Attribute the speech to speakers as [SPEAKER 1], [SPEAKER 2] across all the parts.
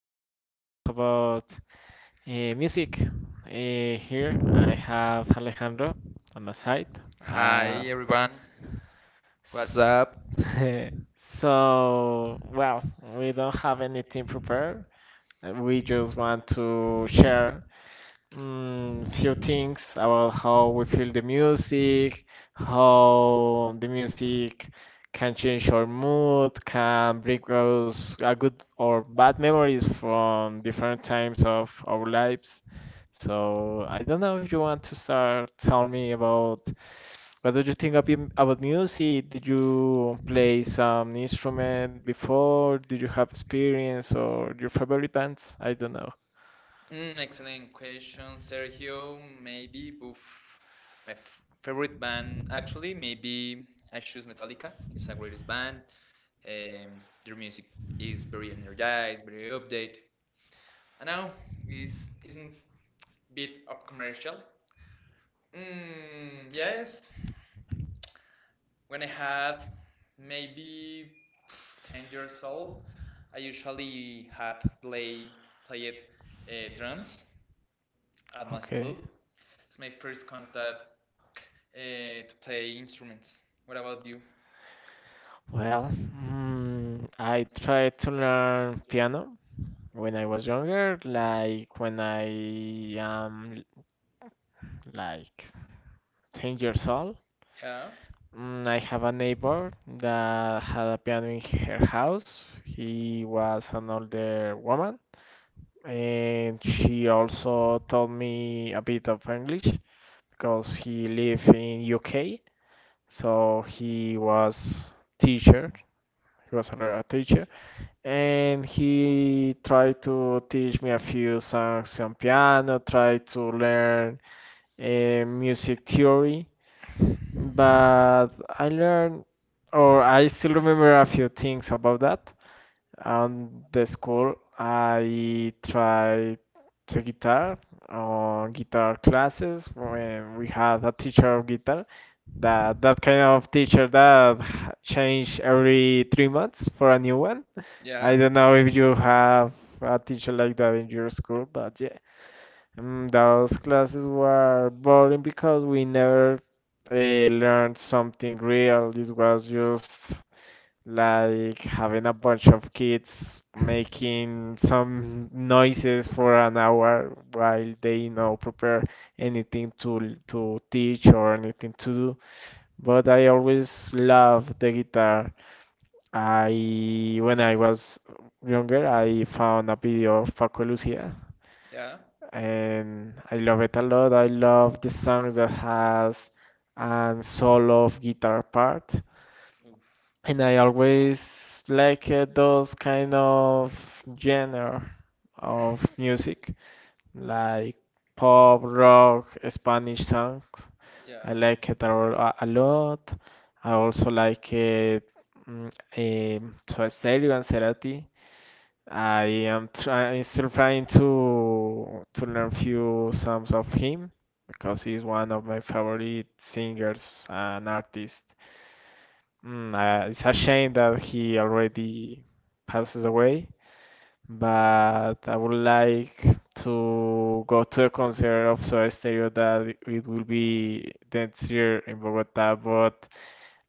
[SPEAKER 1] going
[SPEAKER 2] going to
[SPEAKER 1] to talk
[SPEAKER 2] talk
[SPEAKER 1] about
[SPEAKER 2] about uh,
[SPEAKER 1] music.
[SPEAKER 2] music. Uh, Here I
[SPEAKER 1] Here I have
[SPEAKER 2] have
[SPEAKER 1] Pedro.
[SPEAKER 2] Alejandro on my side.
[SPEAKER 1] Hi.
[SPEAKER 2] Uh,
[SPEAKER 1] Hi everyone, what's
[SPEAKER 2] s-
[SPEAKER 1] up? So,
[SPEAKER 2] so, well,
[SPEAKER 1] well, we
[SPEAKER 2] we don't
[SPEAKER 1] don't have
[SPEAKER 2] have anything
[SPEAKER 1] anything prepared.
[SPEAKER 2] prepared.
[SPEAKER 1] We
[SPEAKER 2] We just
[SPEAKER 1] just want
[SPEAKER 2] want to
[SPEAKER 1] to share
[SPEAKER 2] share Few
[SPEAKER 1] few things
[SPEAKER 2] things about
[SPEAKER 1] about
[SPEAKER 2] how
[SPEAKER 1] how we
[SPEAKER 2] we
[SPEAKER 1] feel
[SPEAKER 2] feel
[SPEAKER 1] the
[SPEAKER 2] the
[SPEAKER 1] music,
[SPEAKER 2] music,
[SPEAKER 1] how
[SPEAKER 2] how
[SPEAKER 1] the
[SPEAKER 2] the
[SPEAKER 1] music
[SPEAKER 2] music
[SPEAKER 1] can
[SPEAKER 2] can change
[SPEAKER 1] change our
[SPEAKER 2] our mood,
[SPEAKER 1] mood,
[SPEAKER 2] can
[SPEAKER 1] can
[SPEAKER 2] bring
[SPEAKER 1] bring
[SPEAKER 2] us
[SPEAKER 1] us a
[SPEAKER 2] a
[SPEAKER 1] good
[SPEAKER 2] good or bad memories from different
[SPEAKER 1] time
[SPEAKER 2] times of our
[SPEAKER 1] our lives.
[SPEAKER 2] lives.
[SPEAKER 1] So
[SPEAKER 2] So
[SPEAKER 1] I
[SPEAKER 2] I don't
[SPEAKER 1] don't know
[SPEAKER 2] know if
[SPEAKER 1] if
[SPEAKER 2] you
[SPEAKER 1] you
[SPEAKER 2] want
[SPEAKER 1] want to
[SPEAKER 2] to
[SPEAKER 1] start
[SPEAKER 2] start telling
[SPEAKER 1] telling
[SPEAKER 2] me
[SPEAKER 1] me about
[SPEAKER 2] about what do you
[SPEAKER 1] something
[SPEAKER 2] think
[SPEAKER 1] about
[SPEAKER 2] about
[SPEAKER 1] music,
[SPEAKER 2] music? Did you
[SPEAKER 1] you play
[SPEAKER 2] play some
[SPEAKER 1] instrument,
[SPEAKER 2] instrument before? Did you have
[SPEAKER 1] experience.
[SPEAKER 2] experience or your favorite bands?
[SPEAKER 1] I
[SPEAKER 2] I don't know.
[SPEAKER 1] don't excellent question, Sergio. Maybe oof, my f favorite band, actually, maybe I choose Metallica. It's a greatest band. Their music is very energized, very update. I know it's isn't bit of commercial. Mm, yes. When I have maybe 10 years old, I usually had play played drums at my
[SPEAKER 2] Okay.
[SPEAKER 1] school. It's my first contact to play instruments. What about you? Well,
[SPEAKER 2] Well,
[SPEAKER 1] I
[SPEAKER 2] I
[SPEAKER 1] tried
[SPEAKER 2] tried
[SPEAKER 1] to
[SPEAKER 2] to
[SPEAKER 1] run
[SPEAKER 2] learn piano
[SPEAKER 1] when
[SPEAKER 2] when
[SPEAKER 1] I
[SPEAKER 2] I
[SPEAKER 1] was
[SPEAKER 2] was younger,
[SPEAKER 1] younger, like
[SPEAKER 2] like
[SPEAKER 1] when
[SPEAKER 2] when I
[SPEAKER 1] I was
[SPEAKER 2] am like
[SPEAKER 1] like 10
[SPEAKER 2] 10
[SPEAKER 1] years
[SPEAKER 2] years
[SPEAKER 1] old.
[SPEAKER 2] old.
[SPEAKER 1] Yeah. I
[SPEAKER 2] I
[SPEAKER 1] had
[SPEAKER 2] have
[SPEAKER 1] a
[SPEAKER 2] a
[SPEAKER 1] paper
[SPEAKER 2] neighbor
[SPEAKER 1] that
[SPEAKER 2] that had a piano in her house. He was an older woman,
[SPEAKER 1] I
[SPEAKER 2] and she also taught me a bit of English
[SPEAKER 1] got
[SPEAKER 2] because he
[SPEAKER 1] relief,
[SPEAKER 2] lived in UK,
[SPEAKER 1] so
[SPEAKER 2] so he was teacher. He was a teacher
[SPEAKER 1] and
[SPEAKER 2] and he
[SPEAKER 1] tried
[SPEAKER 2] tried
[SPEAKER 1] to
[SPEAKER 2] to teach me a few songs on piano,
[SPEAKER 1] piano,
[SPEAKER 2] tried to learn
[SPEAKER 1] music
[SPEAKER 2] music
[SPEAKER 1] theory,
[SPEAKER 2] theory,
[SPEAKER 1] but
[SPEAKER 2] but
[SPEAKER 1] I
[SPEAKER 2] I learned,
[SPEAKER 1] remember. Or
[SPEAKER 2] or
[SPEAKER 1] I
[SPEAKER 2] I
[SPEAKER 1] still
[SPEAKER 2] still
[SPEAKER 1] remember
[SPEAKER 2] remember a
[SPEAKER 1] a few
[SPEAKER 2] few things
[SPEAKER 1] things about
[SPEAKER 2] about
[SPEAKER 1] that.
[SPEAKER 2] that.
[SPEAKER 1] Um,
[SPEAKER 2] On
[SPEAKER 1] the
[SPEAKER 2] the school,
[SPEAKER 1] school,
[SPEAKER 2] I
[SPEAKER 1] I tried
[SPEAKER 2] tried
[SPEAKER 1] to
[SPEAKER 2] the guitar
[SPEAKER 1] guitar or
[SPEAKER 2] on guitar
[SPEAKER 1] guitar
[SPEAKER 2] classes
[SPEAKER 1] classes when
[SPEAKER 2] when we
[SPEAKER 1] we had
[SPEAKER 2] had a
[SPEAKER 1] a teacher
[SPEAKER 2] teacher
[SPEAKER 1] of
[SPEAKER 2] of
[SPEAKER 1] guitar,
[SPEAKER 2] guitar that
[SPEAKER 1] that
[SPEAKER 2] that kind
[SPEAKER 1] kind of
[SPEAKER 2] of
[SPEAKER 1] teacher
[SPEAKER 2] teacher
[SPEAKER 1] that
[SPEAKER 2] that change
[SPEAKER 1] changed
[SPEAKER 2] every
[SPEAKER 1] every
[SPEAKER 2] three
[SPEAKER 1] three
[SPEAKER 2] months
[SPEAKER 1] months for
[SPEAKER 2] for a
[SPEAKER 1] a
[SPEAKER 2] new
[SPEAKER 1] new one.
[SPEAKER 2] one.
[SPEAKER 1] Yeah.
[SPEAKER 2] I
[SPEAKER 1] I
[SPEAKER 2] don't
[SPEAKER 1] don't know
[SPEAKER 2] know if
[SPEAKER 1] if
[SPEAKER 2] you
[SPEAKER 1] you have
[SPEAKER 2] have a
[SPEAKER 1] a
[SPEAKER 2] teacher
[SPEAKER 1] teacher
[SPEAKER 2] like
[SPEAKER 1] like that
[SPEAKER 2] that in
[SPEAKER 1] in
[SPEAKER 2] your
[SPEAKER 1] your
[SPEAKER 2] school,
[SPEAKER 1] school, but
[SPEAKER 2] but
[SPEAKER 1] yeah,
[SPEAKER 2] yeah, those
[SPEAKER 1] Those
[SPEAKER 2] classes
[SPEAKER 1] classes were
[SPEAKER 2] were boring
[SPEAKER 1] boring,
[SPEAKER 2] because we never learned
[SPEAKER 1] something
[SPEAKER 2] something
[SPEAKER 1] real.
[SPEAKER 2] real. This was just like having a bunch of kids making
[SPEAKER 1] Making some
[SPEAKER 2] some noises
[SPEAKER 1] noises
[SPEAKER 2] for
[SPEAKER 1] for
[SPEAKER 2] an hour
[SPEAKER 1] while
[SPEAKER 2] while they you
[SPEAKER 1] they
[SPEAKER 2] know
[SPEAKER 1] know
[SPEAKER 2] prepare anything
[SPEAKER 1] into
[SPEAKER 2] to teach or anything to do, but I always
[SPEAKER 1] slap
[SPEAKER 2] loved the guitar.
[SPEAKER 1] that
[SPEAKER 2] I When I was younger, I found a video of Paco
[SPEAKER 1] yeah.
[SPEAKER 2] Lucia,
[SPEAKER 1] Yeah.
[SPEAKER 2] and I love it a lot. I
[SPEAKER 1] I
[SPEAKER 2] love
[SPEAKER 1] love
[SPEAKER 2] the
[SPEAKER 1] the
[SPEAKER 2] songs
[SPEAKER 1] sound
[SPEAKER 2] that
[SPEAKER 1] that
[SPEAKER 2] has
[SPEAKER 1] has
[SPEAKER 2] an
[SPEAKER 1] and so
[SPEAKER 2] solo of guitar
[SPEAKER 1] far.
[SPEAKER 2] part,
[SPEAKER 1] Oof.
[SPEAKER 2] and
[SPEAKER 1] Is
[SPEAKER 2] I always like those
[SPEAKER 1] kind
[SPEAKER 2] kind of
[SPEAKER 1] of genre
[SPEAKER 2] genre
[SPEAKER 1] of
[SPEAKER 2] of music like pop, rock, Spanish
[SPEAKER 1] sound.
[SPEAKER 2] songs. I
[SPEAKER 1] Yeah. I
[SPEAKER 2] like it a lot. I also
[SPEAKER 1] like
[SPEAKER 2] like it, mm, to Stereo and Cerati. I
[SPEAKER 1] yeah
[SPEAKER 2] am
[SPEAKER 1] I'm
[SPEAKER 2] still trying
[SPEAKER 1] trying
[SPEAKER 2] to
[SPEAKER 1] to
[SPEAKER 2] learn
[SPEAKER 1] review
[SPEAKER 2] few songs of him because he's one of my favorite
[SPEAKER 1] it's,
[SPEAKER 2] singers and artists. It's
[SPEAKER 1] it's
[SPEAKER 2] a
[SPEAKER 1] a
[SPEAKER 2] shame
[SPEAKER 1] shame
[SPEAKER 2] that
[SPEAKER 1] that
[SPEAKER 2] he
[SPEAKER 1] he already
[SPEAKER 2] already passes
[SPEAKER 1] passes
[SPEAKER 2] away,
[SPEAKER 1] away but
[SPEAKER 2] but I
[SPEAKER 1] I
[SPEAKER 2] would
[SPEAKER 1] would like
[SPEAKER 2] like
[SPEAKER 1] to
[SPEAKER 2] to go
[SPEAKER 1] go
[SPEAKER 2] to a concert of Soda Stereo that it will be
[SPEAKER 1] to
[SPEAKER 2] next year in Bogota, but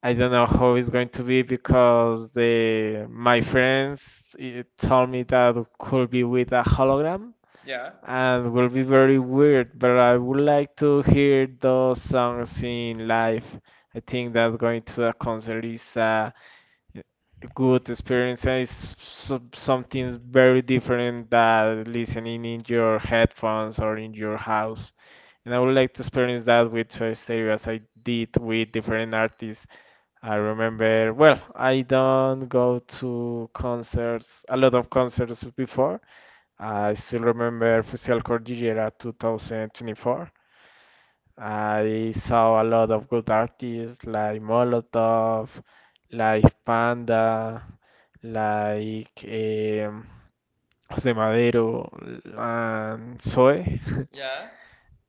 [SPEAKER 2] I don't know how it's going to be
[SPEAKER 1] be
[SPEAKER 2] because
[SPEAKER 1] because the
[SPEAKER 2] the my
[SPEAKER 1] my friends
[SPEAKER 2] friends
[SPEAKER 1] eh,
[SPEAKER 2] told
[SPEAKER 1] told
[SPEAKER 2] me
[SPEAKER 1] me
[SPEAKER 2] that
[SPEAKER 1] that
[SPEAKER 2] it
[SPEAKER 1] could
[SPEAKER 2] could be
[SPEAKER 1] be with
[SPEAKER 2] with a
[SPEAKER 1] a Halloween.
[SPEAKER 2] hologram
[SPEAKER 1] Yeah. And
[SPEAKER 2] and will be very
[SPEAKER 1] we're
[SPEAKER 2] weird, but I would like to
[SPEAKER 1] here
[SPEAKER 2] hear those
[SPEAKER 1] does
[SPEAKER 2] songs
[SPEAKER 1] something
[SPEAKER 2] in
[SPEAKER 1] like
[SPEAKER 2] live. I think that going to a concert is a good experience and something
[SPEAKER 1] something
[SPEAKER 2] very
[SPEAKER 1] very
[SPEAKER 2] different than listening in your headphones or in your house. And I would like to experience
[SPEAKER 1] experience that
[SPEAKER 2] that with Soy Stereo as I did with different artists. I remember, well, I don't go to concerts, a lot of concerts before. I still remember Fusión
[SPEAKER 1] we're.
[SPEAKER 2] Cordillera 2024. I saw a lot of good artists like Molotov, like Panda, like José Madero and Zoe.
[SPEAKER 1] Yeah.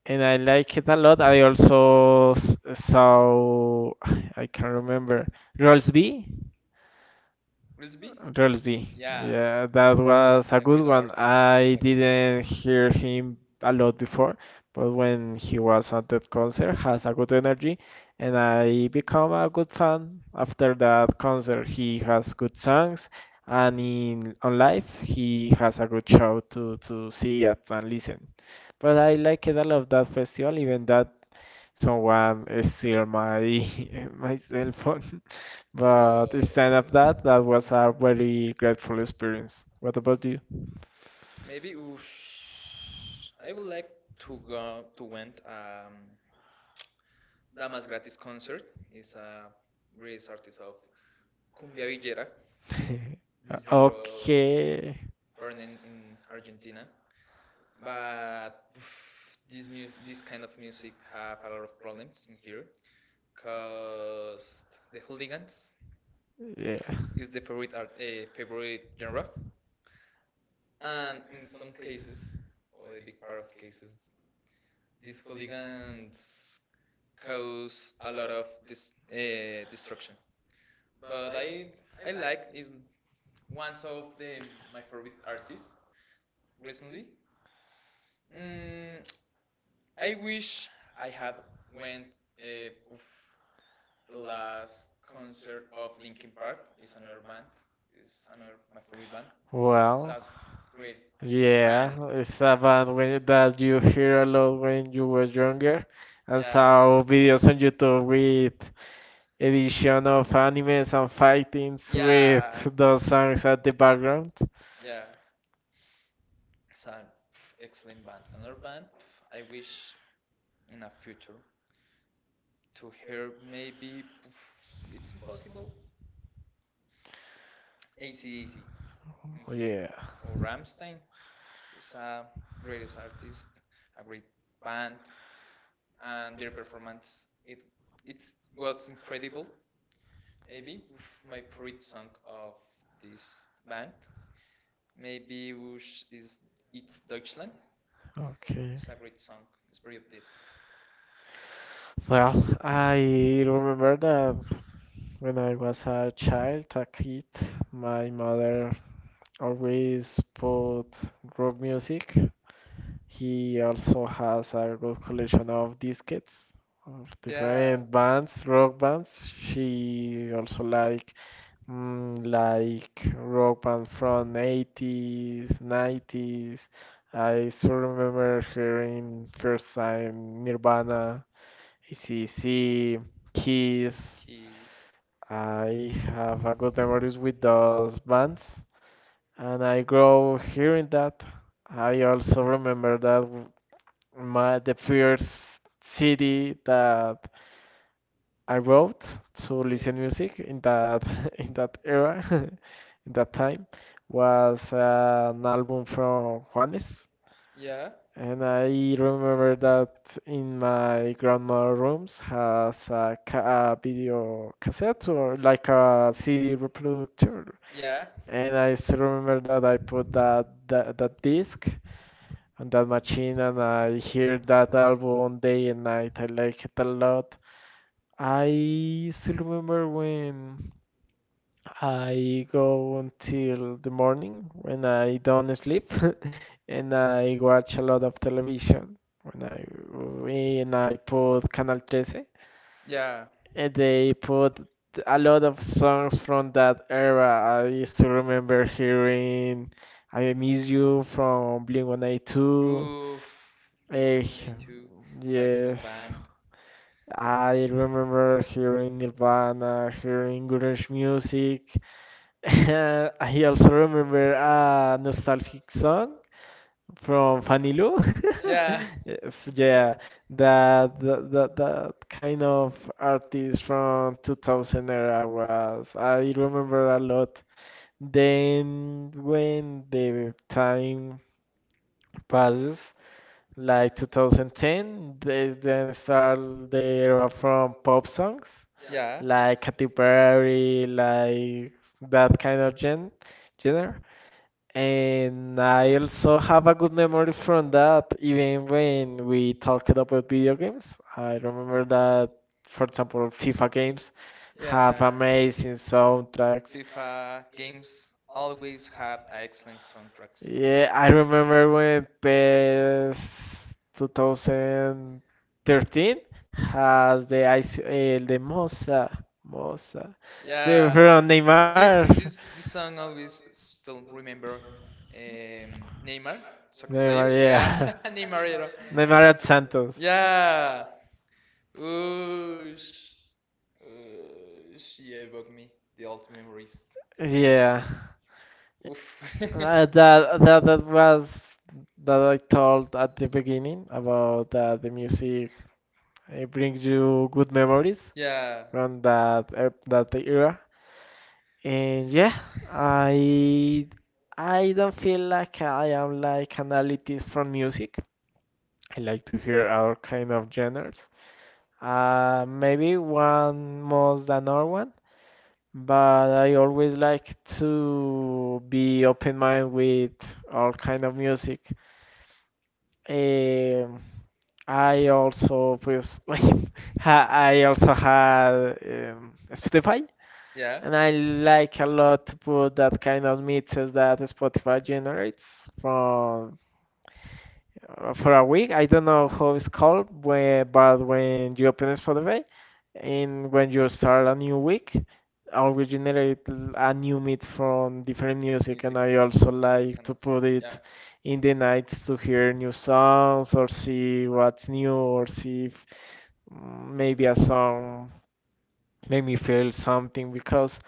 [SPEAKER 2] And I like it
[SPEAKER 1] I
[SPEAKER 2] a lot. I
[SPEAKER 1] am
[SPEAKER 2] also saw, I can't remember, Rolls B.
[SPEAKER 1] Gillespie? Interested
[SPEAKER 2] Relsby.
[SPEAKER 1] in. Yeah.
[SPEAKER 2] Yeah, that was
[SPEAKER 1] It's
[SPEAKER 2] a
[SPEAKER 1] a
[SPEAKER 2] good
[SPEAKER 1] great
[SPEAKER 2] one.
[SPEAKER 1] artist. I it's a
[SPEAKER 2] I
[SPEAKER 1] like good.
[SPEAKER 2] didn't hear him a lot before, but when he was at that concert, has a good energy, and I become a good fan after that concert. He has good songs, and in on live he has a good show to see at and listen. But I like it a lot that festival,
[SPEAKER 1] Think
[SPEAKER 2] even that
[SPEAKER 1] that someone.
[SPEAKER 2] someone steal my my cell phone. But stand up
[SPEAKER 1] Uh,
[SPEAKER 2] that was a very grateful experience. What about you?
[SPEAKER 1] Maybe oof, I would like to go to went Damas Gratis concert. Is a great artist of cumbia villera, this genre of
[SPEAKER 2] Okay.
[SPEAKER 1] born in Argentina. But oof, this kind of music have a lot of problems in here, cause the hooligans
[SPEAKER 2] Yeah.
[SPEAKER 1] is the favorite genre. And in some cases, or a big part of cases, these hooligans cause a lot of dis destruction. But I like is one of the my favorite artists recently. Mm, I wish I had went of the last concert of Linkin Park. It's another band. It's another my favorite band. It's
[SPEAKER 2] Well,
[SPEAKER 1] a great yeah.
[SPEAKER 2] yeah,
[SPEAKER 1] Band.
[SPEAKER 2] it's a band when that you hear a lot when you were younger, and
[SPEAKER 1] Yeah.
[SPEAKER 2] saw videos on YouTube with edition of animes and fightings with
[SPEAKER 1] Yeah,
[SPEAKER 2] those songs at the background.
[SPEAKER 1] yeah. It's an pff, excellent band. Another band pff, I wish in a future to hear maybe pff, it's impossible. AC/DC in here
[SPEAKER 2] Yeah.
[SPEAKER 1] or Ramstein is a greatest artist, a great band, and their performance it was incredible. Maybe pff, my favorite song of this band maybe whoosh is it's Deutschland.
[SPEAKER 2] Okay.
[SPEAKER 1] It's a great song. It's very updated.
[SPEAKER 2] Well, I remember
[SPEAKER 1] Like
[SPEAKER 2] that when
[SPEAKER 1] when I
[SPEAKER 2] I was
[SPEAKER 1] was a
[SPEAKER 2] a
[SPEAKER 1] child, I
[SPEAKER 2] child,
[SPEAKER 1] was
[SPEAKER 2] a
[SPEAKER 1] inspired
[SPEAKER 2] kid, my mother always put
[SPEAKER 1] for
[SPEAKER 2] rock
[SPEAKER 1] music.
[SPEAKER 2] music.
[SPEAKER 1] He
[SPEAKER 2] He also
[SPEAKER 1] also had
[SPEAKER 2] has a
[SPEAKER 1] a
[SPEAKER 2] good collection
[SPEAKER 1] fusion.
[SPEAKER 2] of discs of
[SPEAKER 1] Yeah.
[SPEAKER 2] different bands,
[SPEAKER 1] Nice
[SPEAKER 2] rock
[SPEAKER 1] rock
[SPEAKER 2] bands.
[SPEAKER 1] bands. She
[SPEAKER 2] She also like
[SPEAKER 1] like
[SPEAKER 2] Like rock
[SPEAKER 1] rock
[SPEAKER 2] band
[SPEAKER 1] band from
[SPEAKER 2] from
[SPEAKER 1] 80s,
[SPEAKER 2] 80s,
[SPEAKER 1] 90s.
[SPEAKER 2] 90s. I still
[SPEAKER 1] I
[SPEAKER 2] remember
[SPEAKER 1] remember the
[SPEAKER 2] hearing first
[SPEAKER 1] first time
[SPEAKER 2] time
[SPEAKER 1] Nirvana,
[SPEAKER 2] Nirvana,
[SPEAKER 1] ECC,
[SPEAKER 2] ac
[SPEAKER 1] Kiss. Keys.
[SPEAKER 2] Kiss.
[SPEAKER 1] Keys.
[SPEAKER 2] I
[SPEAKER 1] I have a
[SPEAKER 2] have a
[SPEAKER 1] lot
[SPEAKER 2] good
[SPEAKER 1] of
[SPEAKER 2] memories
[SPEAKER 1] memories
[SPEAKER 2] with
[SPEAKER 1] with
[SPEAKER 2] those
[SPEAKER 1] those bands.
[SPEAKER 2] bands,
[SPEAKER 1] And
[SPEAKER 2] and I
[SPEAKER 1] I
[SPEAKER 2] grow
[SPEAKER 1] go
[SPEAKER 2] hearing
[SPEAKER 1] here that
[SPEAKER 2] that. I also remember
[SPEAKER 1] remember
[SPEAKER 2] that
[SPEAKER 1] that
[SPEAKER 2] w- my the first
[SPEAKER 1] first city
[SPEAKER 2] CD
[SPEAKER 1] that
[SPEAKER 2] that
[SPEAKER 1] I
[SPEAKER 2] I
[SPEAKER 1] wrote
[SPEAKER 2] wrote to
[SPEAKER 1] to
[SPEAKER 2] listen
[SPEAKER 1] listen. Yeah. Music
[SPEAKER 2] music in that
[SPEAKER 1] that
[SPEAKER 2] in that
[SPEAKER 1] that era
[SPEAKER 2] era, in that
[SPEAKER 1] that time
[SPEAKER 2] time, was
[SPEAKER 1] was
[SPEAKER 2] an
[SPEAKER 1] an
[SPEAKER 2] album
[SPEAKER 1] album
[SPEAKER 2] from
[SPEAKER 1] from.
[SPEAKER 2] Juanes,
[SPEAKER 1] Yeah.
[SPEAKER 2] and
[SPEAKER 1] And
[SPEAKER 2] I
[SPEAKER 1] I remember
[SPEAKER 2] remember
[SPEAKER 1] that
[SPEAKER 2] that in
[SPEAKER 1] in my
[SPEAKER 2] my grandma rooms
[SPEAKER 1] rooms
[SPEAKER 2] has a
[SPEAKER 1] video
[SPEAKER 2] video cassette or like a
[SPEAKER 1] CD
[SPEAKER 2] CD
[SPEAKER 1] reproducer.
[SPEAKER 2] reproducer,
[SPEAKER 1] Yeah.
[SPEAKER 2] and
[SPEAKER 1] And I
[SPEAKER 2] I still
[SPEAKER 1] still
[SPEAKER 2] remember
[SPEAKER 1] remember
[SPEAKER 2] that
[SPEAKER 1] that
[SPEAKER 2] I
[SPEAKER 1] I
[SPEAKER 2] put
[SPEAKER 1] put
[SPEAKER 2] that
[SPEAKER 1] that
[SPEAKER 2] that, that
[SPEAKER 1] disc
[SPEAKER 2] disc on
[SPEAKER 1] on the
[SPEAKER 2] that machine,
[SPEAKER 1] machine
[SPEAKER 2] and
[SPEAKER 1] and
[SPEAKER 2] I
[SPEAKER 1] I
[SPEAKER 2] hear
[SPEAKER 1] hear
[SPEAKER 2] that
[SPEAKER 1] that one and
[SPEAKER 2] album day and
[SPEAKER 1] I
[SPEAKER 2] night. I like it
[SPEAKER 1] liked
[SPEAKER 2] a
[SPEAKER 1] it a lot.
[SPEAKER 2] lot. I still remember when
[SPEAKER 1] I
[SPEAKER 2] I
[SPEAKER 1] go
[SPEAKER 2] go
[SPEAKER 1] till
[SPEAKER 2] until the
[SPEAKER 1] the morning.
[SPEAKER 2] morning when
[SPEAKER 1] I
[SPEAKER 2] I don't
[SPEAKER 1] don't sleep,
[SPEAKER 2] sleep and I watch a
[SPEAKER 1] watch a
[SPEAKER 2] lot
[SPEAKER 1] lot of
[SPEAKER 2] of
[SPEAKER 1] television,
[SPEAKER 2] television when I and
[SPEAKER 1] and
[SPEAKER 2] I
[SPEAKER 1] I
[SPEAKER 2] put
[SPEAKER 1] put
[SPEAKER 2] Canal
[SPEAKER 1] Canal
[SPEAKER 2] 13
[SPEAKER 1] 13. Yeah.
[SPEAKER 2] and
[SPEAKER 1] And the
[SPEAKER 2] they put a lot of songs
[SPEAKER 1] songs
[SPEAKER 2] from
[SPEAKER 1] from
[SPEAKER 2] that
[SPEAKER 1] that era,
[SPEAKER 2] era.
[SPEAKER 1] I
[SPEAKER 2] I
[SPEAKER 1] used
[SPEAKER 2] still
[SPEAKER 1] to
[SPEAKER 2] remember
[SPEAKER 1] remember hearing
[SPEAKER 2] hearing
[SPEAKER 1] I
[SPEAKER 2] I
[SPEAKER 1] Need
[SPEAKER 2] Miss You
[SPEAKER 1] You from
[SPEAKER 2] from
[SPEAKER 1] Blink-182.
[SPEAKER 2] Blink-182.
[SPEAKER 1] Oof.
[SPEAKER 2] Eh,
[SPEAKER 1] Blink-182. It's an excellent Yes,
[SPEAKER 2] yes.
[SPEAKER 1] band. I
[SPEAKER 2] I remember
[SPEAKER 1] remember hearing
[SPEAKER 2] hearing Nirvana,
[SPEAKER 1] Nirvana, hearing
[SPEAKER 2] hearing grunge
[SPEAKER 1] Irish
[SPEAKER 2] music.
[SPEAKER 1] music.
[SPEAKER 2] I
[SPEAKER 1] I
[SPEAKER 2] also
[SPEAKER 1] also
[SPEAKER 2] remember
[SPEAKER 1] remember a
[SPEAKER 2] a
[SPEAKER 1] nostalgic
[SPEAKER 2] nostalgic
[SPEAKER 1] song.
[SPEAKER 2] song from Fanilo.
[SPEAKER 1] Yeah.
[SPEAKER 2] Yes, yeah,
[SPEAKER 1] Yeah, that
[SPEAKER 2] that,
[SPEAKER 1] that
[SPEAKER 2] that that
[SPEAKER 1] that, that
[SPEAKER 2] that kind of
[SPEAKER 1] um,
[SPEAKER 2] artist
[SPEAKER 1] from
[SPEAKER 2] from
[SPEAKER 1] 2000.
[SPEAKER 2] 2000 era was. I
[SPEAKER 1] I
[SPEAKER 2] remember a
[SPEAKER 1] remember a lot.
[SPEAKER 2] lot.
[SPEAKER 1] Then
[SPEAKER 2] Then
[SPEAKER 1] when
[SPEAKER 2] when the
[SPEAKER 1] I'm
[SPEAKER 2] time passes,
[SPEAKER 1] Paris
[SPEAKER 2] like 2010,
[SPEAKER 1] 2010,
[SPEAKER 2] they
[SPEAKER 1] they then
[SPEAKER 2] then start
[SPEAKER 1] start
[SPEAKER 2] the
[SPEAKER 1] the
[SPEAKER 2] era
[SPEAKER 1] era
[SPEAKER 2] from
[SPEAKER 1] from
[SPEAKER 2] pop
[SPEAKER 1] pop songs.
[SPEAKER 2] songs
[SPEAKER 1] Yeah.
[SPEAKER 2] like
[SPEAKER 1] Like
[SPEAKER 2] Katy Perry,
[SPEAKER 1] very
[SPEAKER 2] like
[SPEAKER 1] like
[SPEAKER 2] that
[SPEAKER 1] that
[SPEAKER 2] kind
[SPEAKER 1] kind
[SPEAKER 2] of
[SPEAKER 1] of genre.
[SPEAKER 2] genre.
[SPEAKER 1] Genre.
[SPEAKER 2] And
[SPEAKER 1] And I
[SPEAKER 2] I also have a good memory from that, even
[SPEAKER 1] even when
[SPEAKER 2] when we
[SPEAKER 1] we
[SPEAKER 2] talked
[SPEAKER 1] talk
[SPEAKER 2] about video
[SPEAKER 1] about
[SPEAKER 2] games.
[SPEAKER 1] this, I
[SPEAKER 2] I remember
[SPEAKER 1] remember.
[SPEAKER 2] that, for example, FIFA games have
[SPEAKER 1] Yeah,
[SPEAKER 2] amazing soundtracks.
[SPEAKER 1] FIFA games always have excellent soundtracks.
[SPEAKER 2] Yeah,
[SPEAKER 1] Yeah,
[SPEAKER 2] I remember when PES 2013 has the ice,
[SPEAKER 1] uh,
[SPEAKER 2] Mosa, the,
[SPEAKER 1] yeah,
[SPEAKER 2] from
[SPEAKER 1] this
[SPEAKER 2] Neymar,
[SPEAKER 1] this this song always still remember Neymar, soccer
[SPEAKER 2] Neymar,
[SPEAKER 1] player. Yeah.
[SPEAKER 2] yeah,
[SPEAKER 1] Neymarero.
[SPEAKER 2] Neymar
[SPEAKER 1] Neymar,
[SPEAKER 2] at Santos,
[SPEAKER 1] yeah. Oosh. Oosh. She evoked me the old memories.
[SPEAKER 2] yeah.
[SPEAKER 1] Yeah. Oof.
[SPEAKER 2] Uh, that that that was that I told at the beginning about the music. It brings you good memories
[SPEAKER 1] Yeah.
[SPEAKER 2] from that era. And yeah, I I don't feel like I am like an elitist from music. I like to hear all kind of genres. Maybe one more than another one, but I always like to be open mind with all kind of music. Um I also pues I also had Spotify,
[SPEAKER 1] Yeah.
[SPEAKER 2] and I like a lot to put that kind of mixes that Spotify generates from for a week. I don't know how it's called, where, but when you open Spotify and when you start a new week, I will generate
[SPEAKER 1] Originate a
[SPEAKER 2] a
[SPEAKER 1] new
[SPEAKER 2] new
[SPEAKER 1] beat
[SPEAKER 2] mix
[SPEAKER 1] from
[SPEAKER 2] from
[SPEAKER 1] different
[SPEAKER 2] different music, and
[SPEAKER 1] music, music, like
[SPEAKER 2] I also like
[SPEAKER 1] kind
[SPEAKER 2] to
[SPEAKER 1] of-
[SPEAKER 2] put
[SPEAKER 1] yeah.
[SPEAKER 2] it
[SPEAKER 1] In
[SPEAKER 2] in the
[SPEAKER 1] the
[SPEAKER 2] nights to hear new songs or see what's new or see if
[SPEAKER 1] maybe
[SPEAKER 2] maybe
[SPEAKER 1] a
[SPEAKER 2] a song made me feel something because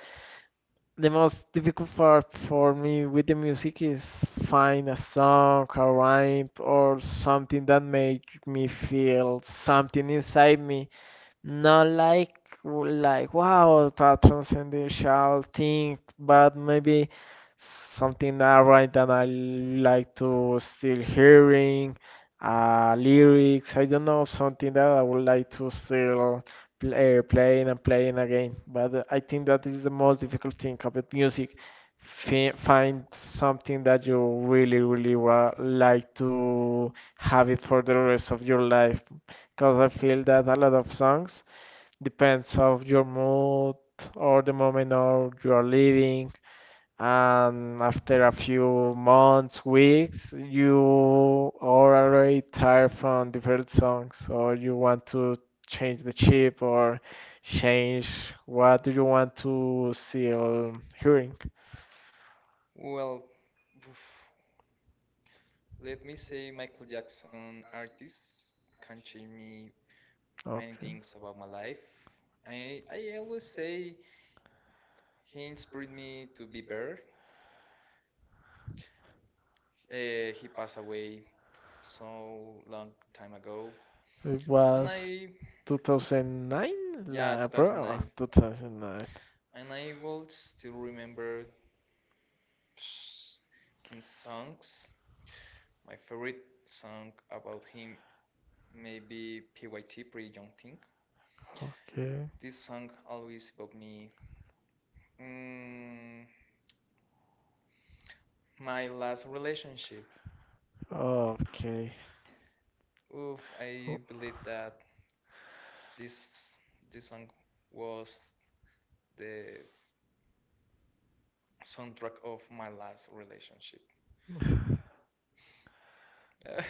[SPEAKER 2] the most difficult part for me with the music is find a song, a rhyme, or something that make me feel something inside me. Not
[SPEAKER 1] not
[SPEAKER 2] like
[SPEAKER 1] like
[SPEAKER 2] wow, a
[SPEAKER 1] something
[SPEAKER 2] transcendental thing, but maybe
[SPEAKER 1] something
[SPEAKER 2] something
[SPEAKER 1] that I want
[SPEAKER 2] around
[SPEAKER 1] to
[SPEAKER 2] that I like to still
[SPEAKER 1] really.
[SPEAKER 2] hearing, lyrics. I don't know something that I would like to still play, playing and playing again. But I
[SPEAKER 1] I
[SPEAKER 2] think
[SPEAKER 1] think that
[SPEAKER 2] that is the most difficult thing about music. Fi
[SPEAKER 1] I find
[SPEAKER 2] Find
[SPEAKER 1] something
[SPEAKER 2] something that
[SPEAKER 1] that
[SPEAKER 2] you
[SPEAKER 1] you
[SPEAKER 2] really,
[SPEAKER 1] really,
[SPEAKER 2] really
[SPEAKER 1] really
[SPEAKER 2] wa like to have it for the rest of your life because I feel that a lot of songs depends of your mood or the moment or you are living. And after a
[SPEAKER 1] after
[SPEAKER 2] few months,
[SPEAKER 1] it,
[SPEAKER 2] weeks,
[SPEAKER 1] you
[SPEAKER 2] you are already tired from different songs, or you want to change the
[SPEAKER 1] change
[SPEAKER 2] chip or
[SPEAKER 1] change.
[SPEAKER 2] change what
[SPEAKER 1] What
[SPEAKER 2] do
[SPEAKER 1] do
[SPEAKER 2] you
[SPEAKER 1] you
[SPEAKER 2] want
[SPEAKER 1] want
[SPEAKER 2] to
[SPEAKER 1] to
[SPEAKER 2] see
[SPEAKER 1] see?
[SPEAKER 2] or hearing.
[SPEAKER 1] Well, oof, let me say Michael Jackson artists can change me many
[SPEAKER 2] Okay.
[SPEAKER 1] things about my life. I always say he inspired me to be better. He passed away so long time ago. It
[SPEAKER 2] It
[SPEAKER 1] was and I
[SPEAKER 2] was
[SPEAKER 1] 2009?
[SPEAKER 2] 2009?
[SPEAKER 1] Yeah
[SPEAKER 2] La, bro,
[SPEAKER 1] 2009,
[SPEAKER 2] 2009.
[SPEAKER 1] and I will still remember his songs. My favorite song about him maybe PYT, Pretty Young Thing.
[SPEAKER 2] Okay.
[SPEAKER 1] This song always evoked me. Mm, my last relationship.
[SPEAKER 2] Okay.
[SPEAKER 1] Oof, I believe that this this song was the soundtrack of my last relationship.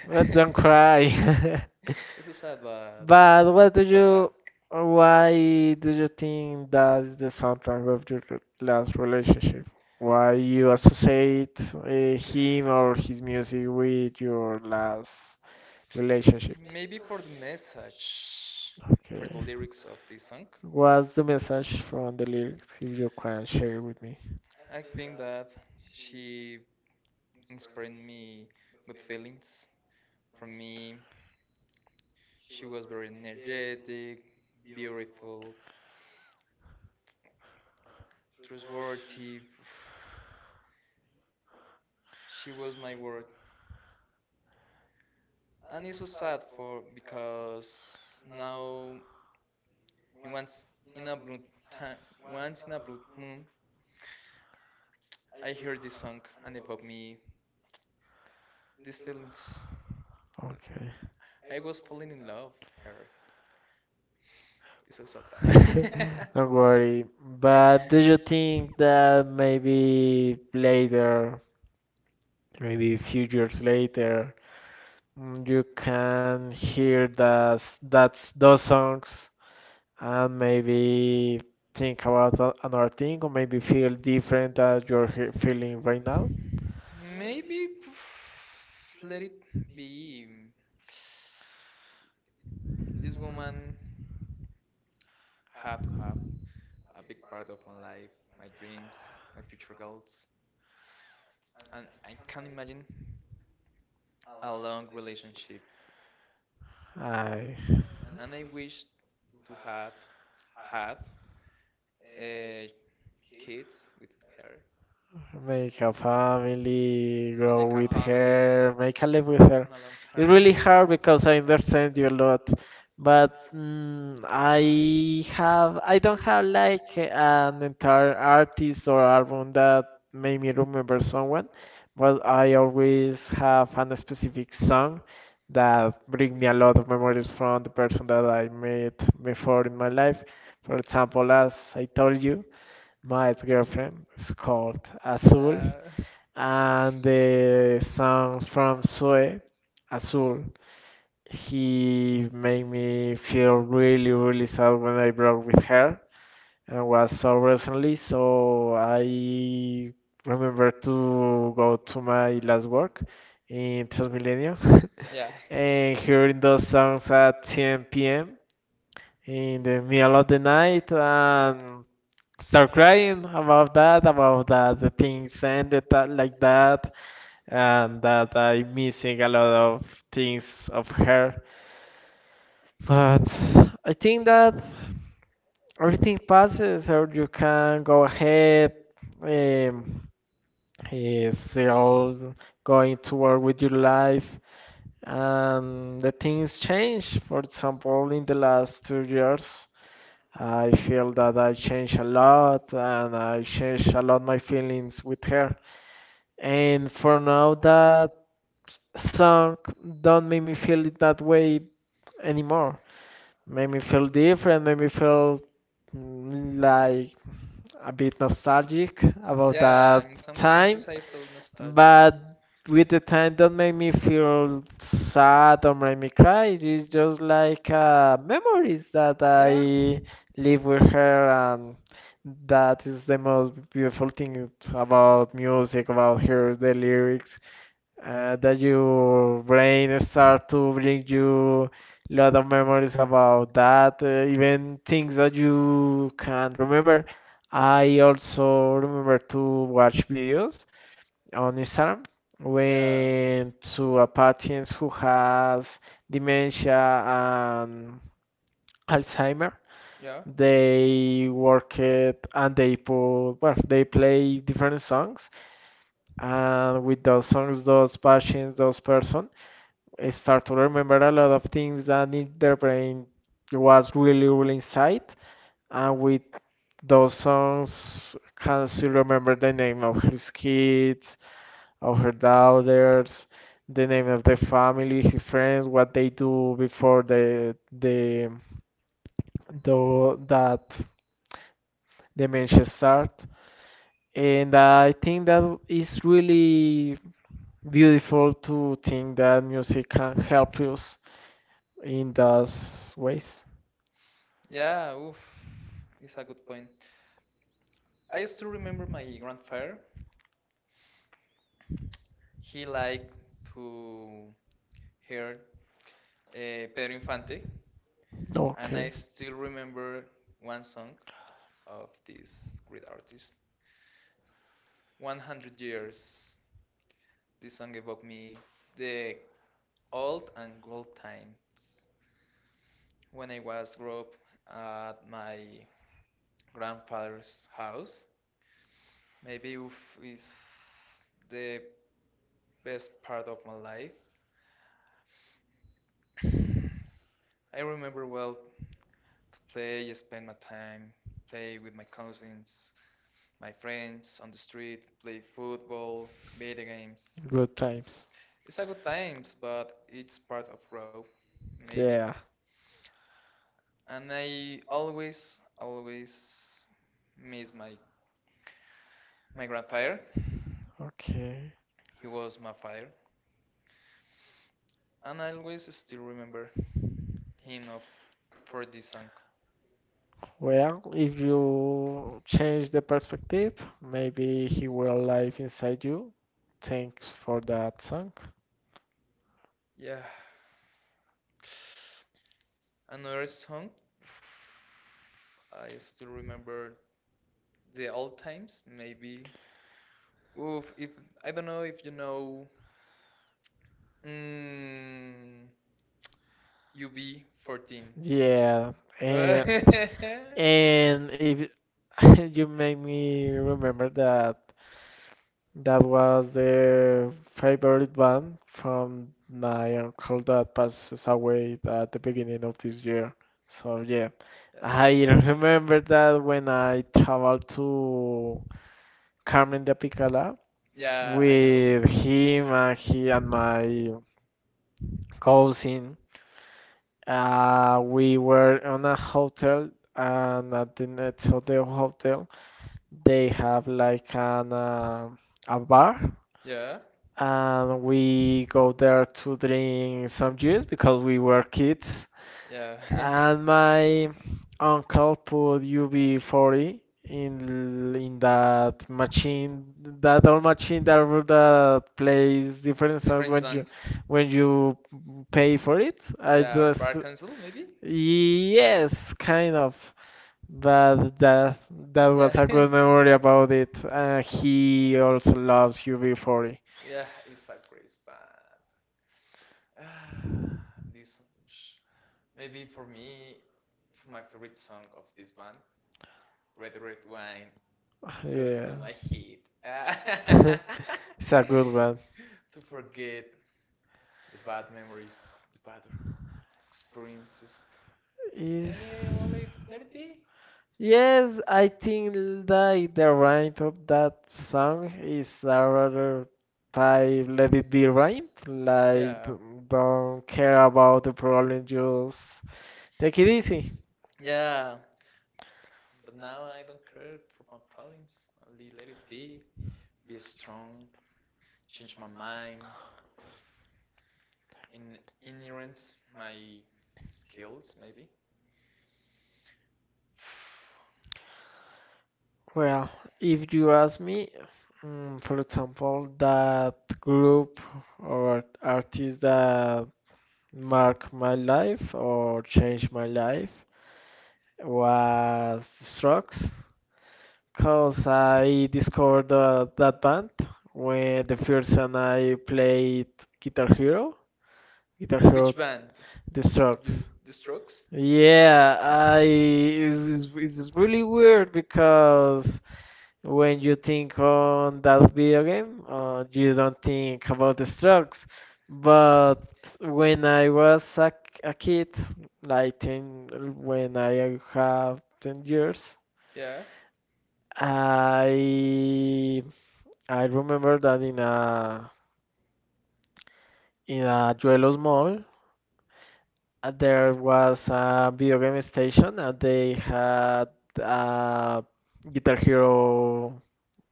[SPEAKER 2] But don't cry.
[SPEAKER 1] It's so sad, but
[SPEAKER 2] But what do
[SPEAKER 1] it's a fact.
[SPEAKER 2] you, or why do you think that's the soundtrack of your last relationship? Why you associate him or his music with your last relationship?
[SPEAKER 1] Maybe for the message, for
[SPEAKER 2] Okay.
[SPEAKER 1] the lyrics of this song,
[SPEAKER 2] What's the message from the lyrics if you can share with me?
[SPEAKER 1] I think that she inspired me with feelings. For me, she was very energetic, beautiful, trustworthy. She was my world, and it's so sad for because now in once in a blue time, once in a blue moon, I hear this song and evoke me these feelings.
[SPEAKER 2] Okay.
[SPEAKER 1] I was falling in love, Harry. It's so sad.
[SPEAKER 2] Don't
[SPEAKER 1] Don't worry.
[SPEAKER 2] worry.
[SPEAKER 1] But
[SPEAKER 2] But do
[SPEAKER 1] do
[SPEAKER 2] you
[SPEAKER 1] you think
[SPEAKER 2] think
[SPEAKER 1] that
[SPEAKER 2] that maybe
[SPEAKER 1] the late,
[SPEAKER 2] later, maybe a
[SPEAKER 1] a
[SPEAKER 2] few
[SPEAKER 1] few years
[SPEAKER 2] years
[SPEAKER 1] later,
[SPEAKER 2] later, you
[SPEAKER 1] you can
[SPEAKER 2] can
[SPEAKER 1] hear
[SPEAKER 2] hear that
[SPEAKER 1] that
[SPEAKER 2] that's those
[SPEAKER 1] those
[SPEAKER 2] songs
[SPEAKER 1] and
[SPEAKER 2] and maybe
[SPEAKER 1] maybe think
[SPEAKER 2] think about
[SPEAKER 1] about
[SPEAKER 2] another thing or maybe feel different that you're
[SPEAKER 1] the feeling
[SPEAKER 2] feeling right now?
[SPEAKER 1] when. Maybe pff, let it be. This woman had to have a big part of my life, my dreams, my future goals, and I can't imagine a long relationship
[SPEAKER 2] I
[SPEAKER 1] and I wish to have had uh, kids with her,
[SPEAKER 2] make a
[SPEAKER 1] family,
[SPEAKER 2] family,
[SPEAKER 1] make a
[SPEAKER 2] grow
[SPEAKER 1] long
[SPEAKER 2] with
[SPEAKER 1] family. Term,
[SPEAKER 2] her,
[SPEAKER 1] like,
[SPEAKER 2] make a
[SPEAKER 1] and
[SPEAKER 2] life with
[SPEAKER 1] everything. In a her.
[SPEAKER 2] her.
[SPEAKER 1] Long term.
[SPEAKER 2] It's really
[SPEAKER 1] Really hard
[SPEAKER 2] hard
[SPEAKER 1] because
[SPEAKER 2] because I
[SPEAKER 1] I got saved
[SPEAKER 2] understand you a
[SPEAKER 1] you a lot.
[SPEAKER 2] lot, but
[SPEAKER 1] But
[SPEAKER 2] I
[SPEAKER 1] I don't
[SPEAKER 2] don't
[SPEAKER 1] have
[SPEAKER 2] have
[SPEAKER 1] like
[SPEAKER 2] like
[SPEAKER 1] an
[SPEAKER 2] an entire
[SPEAKER 1] entire
[SPEAKER 2] artist
[SPEAKER 1] artist
[SPEAKER 2] or album that
[SPEAKER 1] that
[SPEAKER 2] made me remember someone, but I always have an specific song that bring me a lot of memories from the person that I met before in
[SPEAKER 1] my
[SPEAKER 2] my
[SPEAKER 1] life,
[SPEAKER 2] life. For example, as I told you, my
[SPEAKER 1] my
[SPEAKER 2] ex-girlfriend is called
[SPEAKER 1] Azul,
[SPEAKER 2] Azul,
[SPEAKER 1] yeah,
[SPEAKER 2] and the
[SPEAKER 1] the
[SPEAKER 2] songs from Sue
[SPEAKER 1] Azul,
[SPEAKER 2] Azul
[SPEAKER 1] he
[SPEAKER 2] he made
[SPEAKER 1] made
[SPEAKER 2] me
[SPEAKER 1] me
[SPEAKER 2] feel
[SPEAKER 1] feel
[SPEAKER 2] really, really
[SPEAKER 1] really.
[SPEAKER 2] sad when I broke with her and was so recently. So
[SPEAKER 1] I
[SPEAKER 2] I remember to go to my last work in Transmilenio
[SPEAKER 1] yeah.
[SPEAKER 2] and hearing those songs at 10 p.m. In the middle of the night and start crying about that the things ended like that, and that I missing a lot of things of her. But I think that everything passes, or you can go ahead, um, still going to work with your life, and the things change. For example, in the last 2 years, I feel that I changed a lot, and I changed a lot my feelings with her. And for now, that song don't make me feel it that way anymore. Made me feel different, made me feel
[SPEAKER 1] Like
[SPEAKER 2] like a bit nostalgic about
[SPEAKER 1] yeah, in
[SPEAKER 2] that
[SPEAKER 1] some cases
[SPEAKER 2] time,
[SPEAKER 1] I feel nostalgic.
[SPEAKER 2] but with the time don't make me feel sad or make me cry. It's just like memories that
[SPEAKER 1] Yeah.
[SPEAKER 2] I live with her, and that is the most beautiful thing about
[SPEAKER 1] Music
[SPEAKER 2] music, about
[SPEAKER 1] the
[SPEAKER 2] her, the
[SPEAKER 1] values,
[SPEAKER 2] lyrics that your brain
[SPEAKER 1] start
[SPEAKER 2] start
[SPEAKER 1] to
[SPEAKER 2] to
[SPEAKER 1] relate
[SPEAKER 2] bring you
[SPEAKER 1] to
[SPEAKER 2] lot of memories about
[SPEAKER 1] that,
[SPEAKER 2] that,
[SPEAKER 1] even
[SPEAKER 2] even things
[SPEAKER 1] things that
[SPEAKER 2] that
[SPEAKER 1] you
[SPEAKER 2] you
[SPEAKER 1] do
[SPEAKER 2] can't remember. I also remember to watch videos
[SPEAKER 1] on
[SPEAKER 2] on Instagram
[SPEAKER 1] when. Yeah,
[SPEAKER 2] when
[SPEAKER 1] so
[SPEAKER 2] to a patient who has
[SPEAKER 1] imagine
[SPEAKER 2] dementia and Alzheimer.
[SPEAKER 1] yeah, they
[SPEAKER 2] They
[SPEAKER 1] were
[SPEAKER 2] work it and they
[SPEAKER 1] people
[SPEAKER 2] put, well, they play
[SPEAKER 1] in different
[SPEAKER 2] different songs,
[SPEAKER 1] uh,
[SPEAKER 2] and with those songs, those patients, those person I start to remember a lot of things that in their
[SPEAKER 1] and
[SPEAKER 2] brain
[SPEAKER 1] it was
[SPEAKER 2] was really,
[SPEAKER 1] really one
[SPEAKER 2] really inside. And
[SPEAKER 1] uh,
[SPEAKER 2] with those songs, can still remember the name of his kids, of
[SPEAKER 1] of
[SPEAKER 2] her
[SPEAKER 1] her daughters,
[SPEAKER 2] daughters,
[SPEAKER 1] the
[SPEAKER 2] the name
[SPEAKER 1] name
[SPEAKER 2] of
[SPEAKER 1] of
[SPEAKER 2] the
[SPEAKER 1] their
[SPEAKER 2] family,
[SPEAKER 1] family,
[SPEAKER 2] his
[SPEAKER 1] his
[SPEAKER 2] friends,
[SPEAKER 1] friends,
[SPEAKER 2] what
[SPEAKER 1] what
[SPEAKER 2] they
[SPEAKER 1] they do
[SPEAKER 2] do before
[SPEAKER 1] before the the,
[SPEAKER 2] the
[SPEAKER 1] that
[SPEAKER 2] that dementia
[SPEAKER 1] dementia start.
[SPEAKER 2] start. And
[SPEAKER 1] And I
[SPEAKER 2] I think
[SPEAKER 1] think that
[SPEAKER 2] that
[SPEAKER 1] is
[SPEAKER 2] is
[SPEAKER 1] really
[SPEAKER 2] really beautiful
[SPEAKER 1] beautiful
[SPEAKER 2] to
[SPEAKER 1] to
[SPEAKER 2] think
[SPEAKER 1] think
[SPEAKER 2] that
[SPEAKER 1] that
[SPEAKER 2] music
[SPEAKER 1] music can
[SPEAKER 2] can
[SPEAKER 1] help
[SPEAKER 2] help us
[SPEAKER 1] us in
[SPEAKER 2] in those
[SPEAKER 1] those ways.
[SPEAKER 2] ways.
[SPEAKER 1] Yeah, oof, it's a good point. I still remember my grandfather. He liked to hear Pedro Infante, and I
[SPEAKER 2] Okay.
[SPEAKER 1] still remember one song of this great artist, 100 Years. This song evoked me the old and gold times. When I was grew up at my grandfather's house. Maybe oof is the best part of my life. I remember well to play, spend my time, play with my cousins, my friends on the street, play football, video games.
[SPEAKER 2] Good
[SPEAKER 1] Good times.
[SPEAKER 2] times.
[SPEAKER 1] It's a good times, but it's part of growth, maybe.
[SPEAKER 2] Yeah.
[SPEAKER 1] And I always, always miss my grandfather.
[SPEAKER 2] Okay.
[SPEAKER 1] He was my father, and I always still remember him of for this song.
[SPEAKER 2] Well, if
[SPEAKER 1] You
[SPEAKER 2] you change
[SPEAKER 1] change
[SPEAKER 2] the
[SPEAKER 1] the
[SPEAKER 2] perspective,
[SPEAKER 1] perspective,
[SPEAKER 2] maybe he will live
[SPEAKER 1] like it's
[SPEAKER 2] inside you. Thanks
[SPEAKER 1] things.
[SPEAKER 2] for that song.
[SPEAKER 1] Yeah, another song. I still remember the old times. Maybe. Oof, if I don't know if you know. Mm, UB14. Yeah.
[SPEAKER 2] Yeah, and
[SPEAKER 1] And
[SPEAKER 2] and
[SPEAKER 1] it,
[SPEAKER 2] if you
[SPEAKER 1] it
[SPEAKER 2] you
[SPEAKER 1] made
[SPEAKER 2] make me
[SPEAKER 1] me remember
[SPEAKER 2] remember
[SPEAKER 1] the.
[SPEAKER 2] that that was
[SPEAKER 1] Yes,
[SPEAKER 2] the favorite band from my uncle that passes away at the beginning of this year. So yeah,
[SPEAKER 1] it's
[SPEAKER 2] I
[SPEAKER 1] sad.
[SPEAKER 2] remember that when I traveled to Carmen de Apicala
[SPEAKER 1] Yeah, I know.
[SPEAKER 2] with him and he and my cousin. We
[SPEAKER 1] Uh,
[SPEAKER 2] were on a hotel, and at the next of the hotel, they have like an
[SPEAKER 1] uh,
[SPEAKER 2] a bar,
[SPEAKER 1] yeah,
[SPEAKER 2] and we go there to drink some juice because we were kids,
[SPEAKER 1] yeah.
[SPEAKER 2] and my uncle put UB40 in that machine, that old
[SPEAKER 1] She
[SPEAKER 2] machine that
[SPEAKER 1] down the
[SPEAKER 2] that
[SPEAKER 1] place
[SPEAKER 2] plays different
[SPEAKER 1] different
[SPEAKER 2] songs
[SPEAKER 1] different
[SPEAKER 2] when you
[SPEAKER 1] songs songs. When
[SPEAKER 2] when
[SPEAKER 1] you
[SPEAKER 2] you pay
[SPEAKER 1] pay.
[SPEAKER 2] for it.
[SPEAKER 1] I
[SPEAKER 2] I
[SPEAKER 1] yeah, was Bar
[SPEAKER 2] just
[SPEAKER 1] Council maybe?
[SPEAKER 2] Yes,
[SPEAKER 1] Yes, kind
[SPEAKER 2] kind
[SPEAKER 1] of,
[SPEAKER 2] of.
[SPEAKER 1] but
[SPEAKER 2] But
[SPEAKER 1] that
[SPEAKER 2] that
[SPEAKER 1] that. Yeah.
[SPEAKER 2] was
[SPEAKER 1] Was
[SPEAKER 2] a
[SPEAKER 1] the
[SPEAKER 2] good memory
[SPEAKER 1] memory about
[SPEAKER 2] about
[SPEAKER 1] it.
[SPEAKER 2] it.
[SPEAKER 1] Ah,
[SPEAKER 2] He also loves
[SPEAKER 1] he's beautiful.
[SPEAKER 2] UB40.
[SPEAKER 1] Yeah, it's a great band. Ah, this sh- maybe for me, for my favorite song of this band, Red Red Wine, goes
[SPEAKER 2] Yeah.
[SPEAKER 1] to my head. Ah,
[SPEAKER 2] It's
[SPEAKER 1] it's a
[SPEAKER 2] a good
[SPEAKER 1] good
[SPEAKER 2] one.
[SPEAKER 1] one. To forget the bad memories, the bad experiences. I
[SPEAKER 2] Is
[SPEAKER 1] mean, I let it be.
[SPEAKER 2] Yes,
[SPEAKER 1] Yes,
[SPEAKER 2] I
[SPEAKER 1] I
[SPEAKER 2] think
[SPEAKER 1] think
[SPEAKER 2] that
[SPEAKER 1] like
[SPEAKER 2] the
[SPEAKER 1] the
[SPEAKER 2] rhyme
[SPEAKER 1] right of
[SPEAKER 2] of
[SPEAKER 1] that
[SPEAKER 2] that song
[SPEAKER 1] song
[SPEAKER 2] is
[SPEAKER 1] is
[SPEAKER 2] a
[SPEAKER 1] our
[SPEAKER 2] rather
[SPEAKER 1] time
[SPEAKER 2] type let
[SPEAKER 1] let
[SPEAKER 2] it
[SPEAKER 1] it
[SPEAKER 2] be
[SPEAKER 1] be right.
[SPEAKER 2] rhyme.
[SPEAKER 1] Like
[SPEAKER 2] Like,
[SPEAKER 1] yeah. Don't
[SPEAKER 2] don't care
[SPEAKER 1] care
[SPEAKER 2] about
[SPEAKER 1] about
[SPEAKER 2] the
[SPEAKER 1] the
[SPEAKER 2] problem,
[SPEAKER 1] problem,
[SPEAKER 2] just
[SPEAKER 1] just
[SPEAKER 2] take
[SPEAKER 1] take
[SPEAKER 2] it
[SPEAKER 1] it easy.
[SPEAKER 2] easy.
[SPEAKER 1] Yeah. But now I don't care for my problems. Only let it be. Be strong. Change my mind. In Inherent my skills maybe. Well,
[SPEAKER 2] Well,
[SPEAKER 1] if
[SPEAKER 2] if you
[SPEAKER 1] you
[SPEAKER 2] ask
[SPEAKER 1] ask me,
[SPEAKER 2] me, for
[SPEAKER 1] for
[SPEAKER 2] example,
[SPEAKER 1] example,
[SPEAKER 2] that
[SPEAKER 1] group
[SPEAKER 2] group or
[SPEAKER 1] or
[SPEAKER 2] artist
[SPEAKER 1] artist that
[SPEAKER 2] that
[SPEAKER 1] marked
[SPEAKER 2] marked my
[SPEAKER 1] my life
[SPEAKER 2] life or
[SPEAKER 1] or
[SPEAKER 2] changed
[SPEAKER 1] changed
[SPEAKER 2] my
[SPEAKER 1] my life
[SPEAKER 2] life
[SPEAKER 1] was
[SPEAKER 2] was Strokes.
[SPEAKER 1] Strokes,
[SPEAKER 2] Cause
[SPEAKER 1] because
[SPEAKER 2] I
[SPEAKER 1] I
[SPEAKER 2] discovered
[SPEAKER 1] discovered
[SPEAKER 2] that
[SPEAKER 1] that
[SPEAKER 2] band
[SPEAKER 1] band
[SPEAKER 2] when the
[SPEAKER 1] the
[SPEAKER 2] first
[SPEAKER 1] first
[SPEAKER 2] time
[SPEAKER 1] time I
[SPEAKER 2] I played
[SPEAKER 1] played
[SPEAKER 2] Guitar
[SPEAKER 1] Hero.
[SPEAKER 2] Hero, Guitar Hero,
[SPEAKER 1] Which band?
[SPEAKER 2] The
[SPEAKER 1] The
[SPEAKER 2] Strokes.
[SPEAKER 1] the Strokes?
[SPEAKER 2] Yeah,
[SPEAKER 1] Yeah,
[SPEAKER 2] I
[SPEAKER 1] it's,
[SPEAKER 2] it's
[SPEAKER 1] it's
[SPEAKER 2] really
[SPEAKER 1] really weird
[SPEAKER 2] weird
[SPEAKER 1] because
[SPEAKER 2] because when you
[SPEAKER 1] you
[SPEAKER 2] think
[SPEAKER 1] think
[SPEAKER 2] on
[SPEAKER 1] on
[SPEAKER 2] that
[SPEAKER 1] that way,
[SPEAKER 2] video game, you
[SPEAKER 1] you
[SPEAKER 2] don't
[SPEAKER 1] don't think.
[SPEAKER 2] think about The Strokes. But when I
[SPEAKER 1] I
[SPEAKER 2] was
[SPEAKER 1] was
[SPEAKER 2] a,
[SPEAKER 1] a,
[SPEAKER 2] a
[SPEAKER 1] a
[SPEAKER 2] kid,
[SPEAKER 1] kid, like
[SPEAKER 2] like
[SPEAKER 1] 10,
[SPEAKER 2] 10, when
[SPEAKER 1] when I
[SPEAKER 2] I have
[SPEAKER 1] was 10
[SPEAKER 2] 10
[SPEAKER 1] years.
[SPEAKER 2] years,
[SPEAKER 1] Yeah.
[SPEAKER 2] I I remember that
[SPEAKER 1] Playing a
[SPEAKER 2] in a Juelos
[SPEAKER 1] phone.
[SPEAKER 2] mall, there was a
[SPEAKER 1] And the
[SPEAKER 2] video game
[SPEAKER 1] video,
[SPEAKER 2] station
[SPEAKER 1] they
[SPEAKER 2] and
[SPEAKER 1] had a
[SPEAKER 2] they had a Guitar
[SPEAKER 1] Guitar Hero
[SPEAKER 2] Hero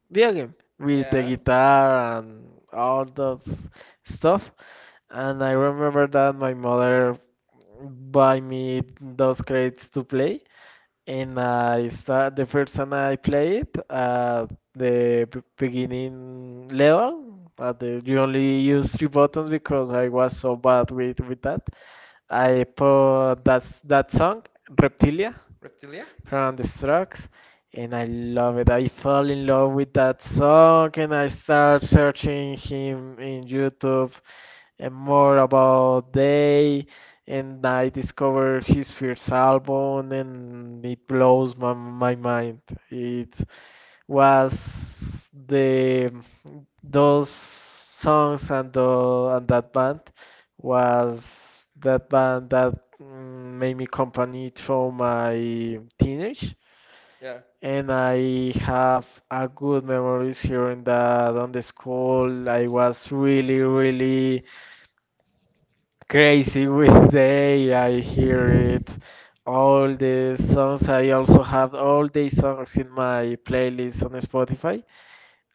[SPEAKER 2] video
[SPEAKER 1] building.
[SPEAKER 2] game with the
[SPEAKER 1] Yeah, the guitar
[SPEAKER 2] guitar and
[SPEAKER 1] and
[SPEAKER 2] all
[SPEAKER 1] all
[SPEAKER 2] that
[SPEAKER 1] that
[SPEAKER 2] stuff.
[SPEAKER 1] stuff. And
[SPEAKER 2] And I
[SPEAKER 1] I
[SPEAKER 2] remember
[SPEAKER 1] remember that
[SPEAKER 2] that my
[SPEAKER 1] my
[SPEAKER 2] mother
[SPEAKER 1] mother
[SPEAKER 2] buy
[SPEAKER 1] bought
[SPEAKER 2] me
[SPEAKER 1] me
[SPEAKER 2] those
[SPEAKER 1] grades
[SPEAKER 2] crates to
[SPEAKER 1] to
[SPEAKER 2] play,
[SPEAKER 1] play, and
[SPEAKER 2] and
[SPEAKER 1] I
[SPEAKER 2] I start the
[SPEAKER 1] started
[SPEAKER 2] first time I
[SPEAKER 1] at
[SPEAKER 2] played at the
[SPEAKER 1] the beginning
[SPEAKER 2] beginning level.
[SPEAKER 1] level, at the
[SPEAKER 2] You
[SPEAKER 1] beginning,
[SPEAKER 2] only use three buttons because
[SPEAKER 1] because
[SPEAKER 2] I
[SPEAKER 1] I was
[SPEAKER 2] was so bad
[SPEAKER 1] not
[SPEAKER 2] with,
[SPEAKER 1] really good
[SPEAKER 2] with
[SPEAKER 1] with
[SPEAKER 2] that.
[SPEAKER 1] that.
[SPEAKER 2] I
[SPEAKER 1] I
[SPEAKER 2] put that
[SPEAKER 1] that
[SPEAKER 2] song,
[SPEAKER 1] song, Reptilia,
[SPEAKER 2] Reptilia,
[SPEAKER 1] Reptilia,
[SPEAKER 2] from
[SPEAKER 1] around
[SPEAKER 2] the
[SPEAKER 1] the
[SPEAKER 2] Strokes,
[SPEAKER 1] Strokes.
[SPEAKER 2] and I love
[SPEAKER 1] Love
[SPEAKER 2] it.
[SPEAKER 1] it,
[SPEAKER 2] I
[SPEAKER 1] I
[SPEAKER 2] fell
[SPEAKER 1] fall
[SPEAKER 2] in
[SPEAKER 1] in
[SPEAKER 2] love
[SPEAKER 1] love
[SPEAKER 2] with that song, and I start searching
[SPEAKER 1] in,
[SPEAKER 2] him in
[SPEAKER 1] in the
[SPEAKER 2] YouTube and more about
[SPEAKER 1] day
[SPEAKER 2] Day. And
[SPEAKER 1] that
[SPEAKER 2] I
[SPEAKER 1] I
[SPEAKER 2] discover his
[SPEAKER 1] discover
[SPEAKER 2] first album,
[SPEAKER 1] something,
[SPEAKER 2] and
[SPEAKER 1] it
[SPEAKER 2] it blows
[SPEAKER 1] blows
[SPEAKER 2] my,
[SPEAKER 1] my
[SPEAKER 2] my
[SPEAKER 1] mind.
[SPEAKER 2] mind. It
[SPEAKER 1] It's
[SPEAKER 2] was the
[SPEAKER 1] the,
[SPEAKER 2] those
[SPEAKER 1] those
[SPEAKER 2] songs and the and
[SPEAKER 1] shadow
[SPEAKER 2] that band
[SPEAKER 1] was
[SPEAKER 2] was that band that made me
[SPEAKER 1] maybe
[SPEAKER 2] company
[SPEAKER 1] company
[SPEAKER 2] through
[SPEAKER 1] from my
[SPEAKER 2] my
[SPEAKER 1] teenage.
[SPEAKER 2] teenage,
[SPEAKER 1] Yeah. And
[SPEAKER 2] and
[SPEAKER 1] I
[SPEAKER 2] I have
[SPEAKER 1] have
[SPEAKER 2] a
[SPEAKER 1] good
[SPEAKER 2] good memories
[SPEAKER 1] memories here
[SPEAKER 2] here in
[SPEAKER 1] and that
[SPEAKER 2] that
[SPEAKER 1] on
[SPEAKER 2] on the
[SPEAKER 1] the school.
[SPEAKER 2] school. I
[SPEAKER 1] I
[SPEAKER 2] was
[SPEAKER 1] was
[SPEAKER 2] really
[SPEAKER 1] really,
[SPEAKER 2] really
[SPEAKER 1] really.
[SPEAKER 2] crazy with day. I hear it all the songs. I also have all the songs in my playlist on Spotify.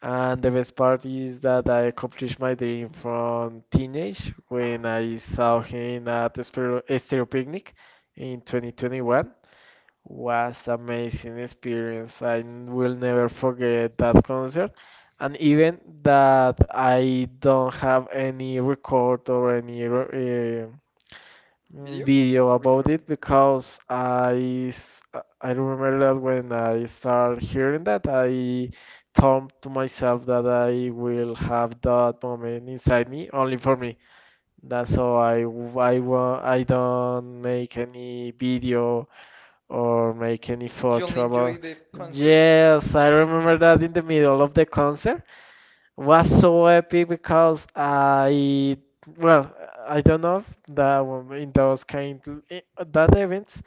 [SPEAKER 2] And the best part is that I accomplished my dream from teenage when I saw him at the Stereo Picnic in
[SPEAKER 1] In twenty
[SPEAKER 2] 2021.
[SPEAKER 1] twenty-one,
[SPEAKER 2] Was amazing experience.
[SPEAKER 1] experience
[SPEAKER 2] I
[SPEAKER 1] like you will
[SPEAKER 2] will never
[SPEAKER 1] never.
[SPEAKER 2] forget that concert.
[SPEAKER 1] I
[SPEAKER 2] And
[SPEAKER 1] mean
[SPEAKER 2] even
[SPEAKER 1] that
[SPEAKER 2] that
[SPEAKER 1] I
[SPEAKER 2] I don't have any
[SPEAKER 1] record
[SPEAKER 2] record or any
[SPEAKER 1] a video? Video.
[SPEAKER 2] video about
[SPEAKER 1] Record.
[SPEAKER 2] it because
[SPEAKER 1] I
[SPEAKER 2] I
[SPEAKER 1] s-
[SPEAKER 2] s- uh,
[SPEAKER 1] I
[SPEAKER 2] I
[SPEAKER 1] don't
[SPEAKER 2] remember that when I
[SPEAKER 1] start
[SPEAKER 2] start
[SPEAKER 1] hearing
[SPEAKER 2] hearing
[SPEAKER 1] that
[SPEAKER 2] that
[SPEAKER 1] I
[SPEAKER 2] I
[SPEAKER 1] talk
[SPEAKER 2] thought
[SPEAKER 1] to
[SPEAKER 2] to
[SPEAKER 1] myself
[SPEAKER 2] myself that I
[SPEAKER 1] with it.
[SPEAKER 2] will have that moment inside me only for me.
[SPEAKER 1] That's
[SPEAKER 2] That's so
[SPEAKER 1] why
[SPEAKER 2] I w-
[SPEAKER 1] why
[SPEAKER 2] I
[SPEAKER 1] wa-
[SPEAKER 2] wa-
[SPEAKER 1] I
[SPEAKER 2] I
[SPEAKER 1] don't
[SPEAKER 2] don't
[SPEAKER 1] make
[SPEAKER 2] make
[SPEAKER 1] any
[SPEAKER 2] any
[SPEAKER 1] video
[SPEAKER 2] video
[SPEAKER 1] or
[SPEAKER 2] or make any
[SPEAKER 1] any. You only
[SPEAKER 2] photo
[SPEAKER 1] photo, enjoy
[SPEAKER 2] about.
[SPEAKER 1] the concert.
[SPEAKER 2] Yes, I remember that
[SPEAKER 1] Yeah,
[SPEAKER 2] in the middle of the concert
[SPEAKER 1] know,
[SPEAKER 2] was so epic
[SPEAKER 1] because
[SPEAKER 2] because
[SPEAKER 1] I,
[SPEAKER 2] I
[SPEAKER 1] well,
[SPEAKER 2] well
[SPEAKER 1] I
[SPEAKER 2] I don't
[SPEAKER 1] don't
[SPEAKER 2] know if
[SPEAKER 1] the
[SPEAKER 2] in those kind i- that events
[SPEAKER 1] habits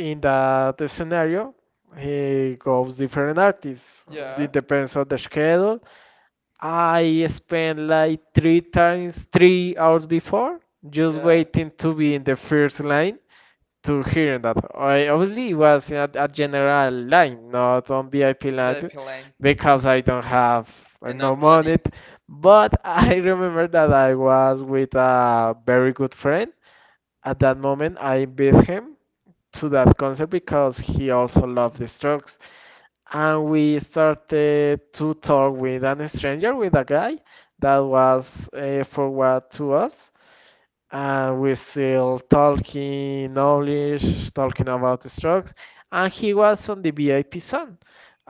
[SPEAKER 1] in the
[SPEAKER 2] that scenario
[SPEAKER 1] in
[SPEAKER 2] he goes
[SPEAKER 1] different
[SPEAKER 2] different
[SPEAKER 1] artists.
[SPEAKER 2] artists. Yeah.
[SPEAKER 1] Yeah.
[SPEAKER 2] It
[SPEAKER 1] The
[SPEAKER 2] depends on the
[SPEAKER 1] page head
[SPEAKER 2] schedule. I spent like
[SPEAKER 1] line
[SPEAKER 2] three times
[SPEAKER 1] three
[SPEAKER 2] 3 hours before
[SPEAKER 1] just.
[SPEAKER 2] just
[SPEAKER 1] Yeah.
[SPEAKER 2] waiting to be in the first
[SPEAKER 1] First line
[SPEAKER 2] line
[SPEAKER 1] to
[SPEAKER 2] to hearing that.
[SPEAKER 1] I
[SPEAKER 2] I obviously was at a
[SPEAKER 1] online line
[SPEAKER 2] general line,
[SPEAKER 1] not
[SPEAKER 2] not on VIP line,
[SPEAKER 1] VIP line, because
[SPEAKER 2] because I don't have no
[SPEAKER 1] enough
[SPEAKER 2] money.
[SPEAKER 1] money.
[SPEAKER 2] But
[SPEAKER 1] But
[SPEAKER 2] I remember that I was with a very
[SPEAKER 1] very much
[SPEAKER 2] good friend. At that moment, I invited him to that concert because he
[SPEAKER 1] heroes,
[SPEAKER 2] also loved the Strokes,
[SPEAKER 1] and
[SPEAKER 2] and
[SPEAKER 1] we
[SPEAKER 2] we
[SPEAKER 1] started
[SPEAKER 2] started to talk with
[SPEAKER 1] with
[SPEAKER 2] an
[SPEAKER 1] an stranger
[SPEAKER 2] stranger,
[SPEAKER 1] that
[SPEAKER 2] with a guy that
[SPEAKER 1] was
[SPEAKER 2] was forward
[SPEAKER 1] to
[SPEAKER 2] to
[SPEAKER 1] us,
[SPEAKER 2] us
[SPEAKER 1] and
[SPEAKER 2] and
[SPEAKER 1] we
[SPEAKER 2] we still
[SPEAKER 1] still talking
[SPEAKER 2] talking
[SPEAKER 1] knowledge.
[SPEAKER 2] knowledge, talking about the strokes. And
[SPEAKER 1] He
[SPEAKER 2] he
[SPEAKER 1] was.
[SPEAKER 2] was on the VIP zone.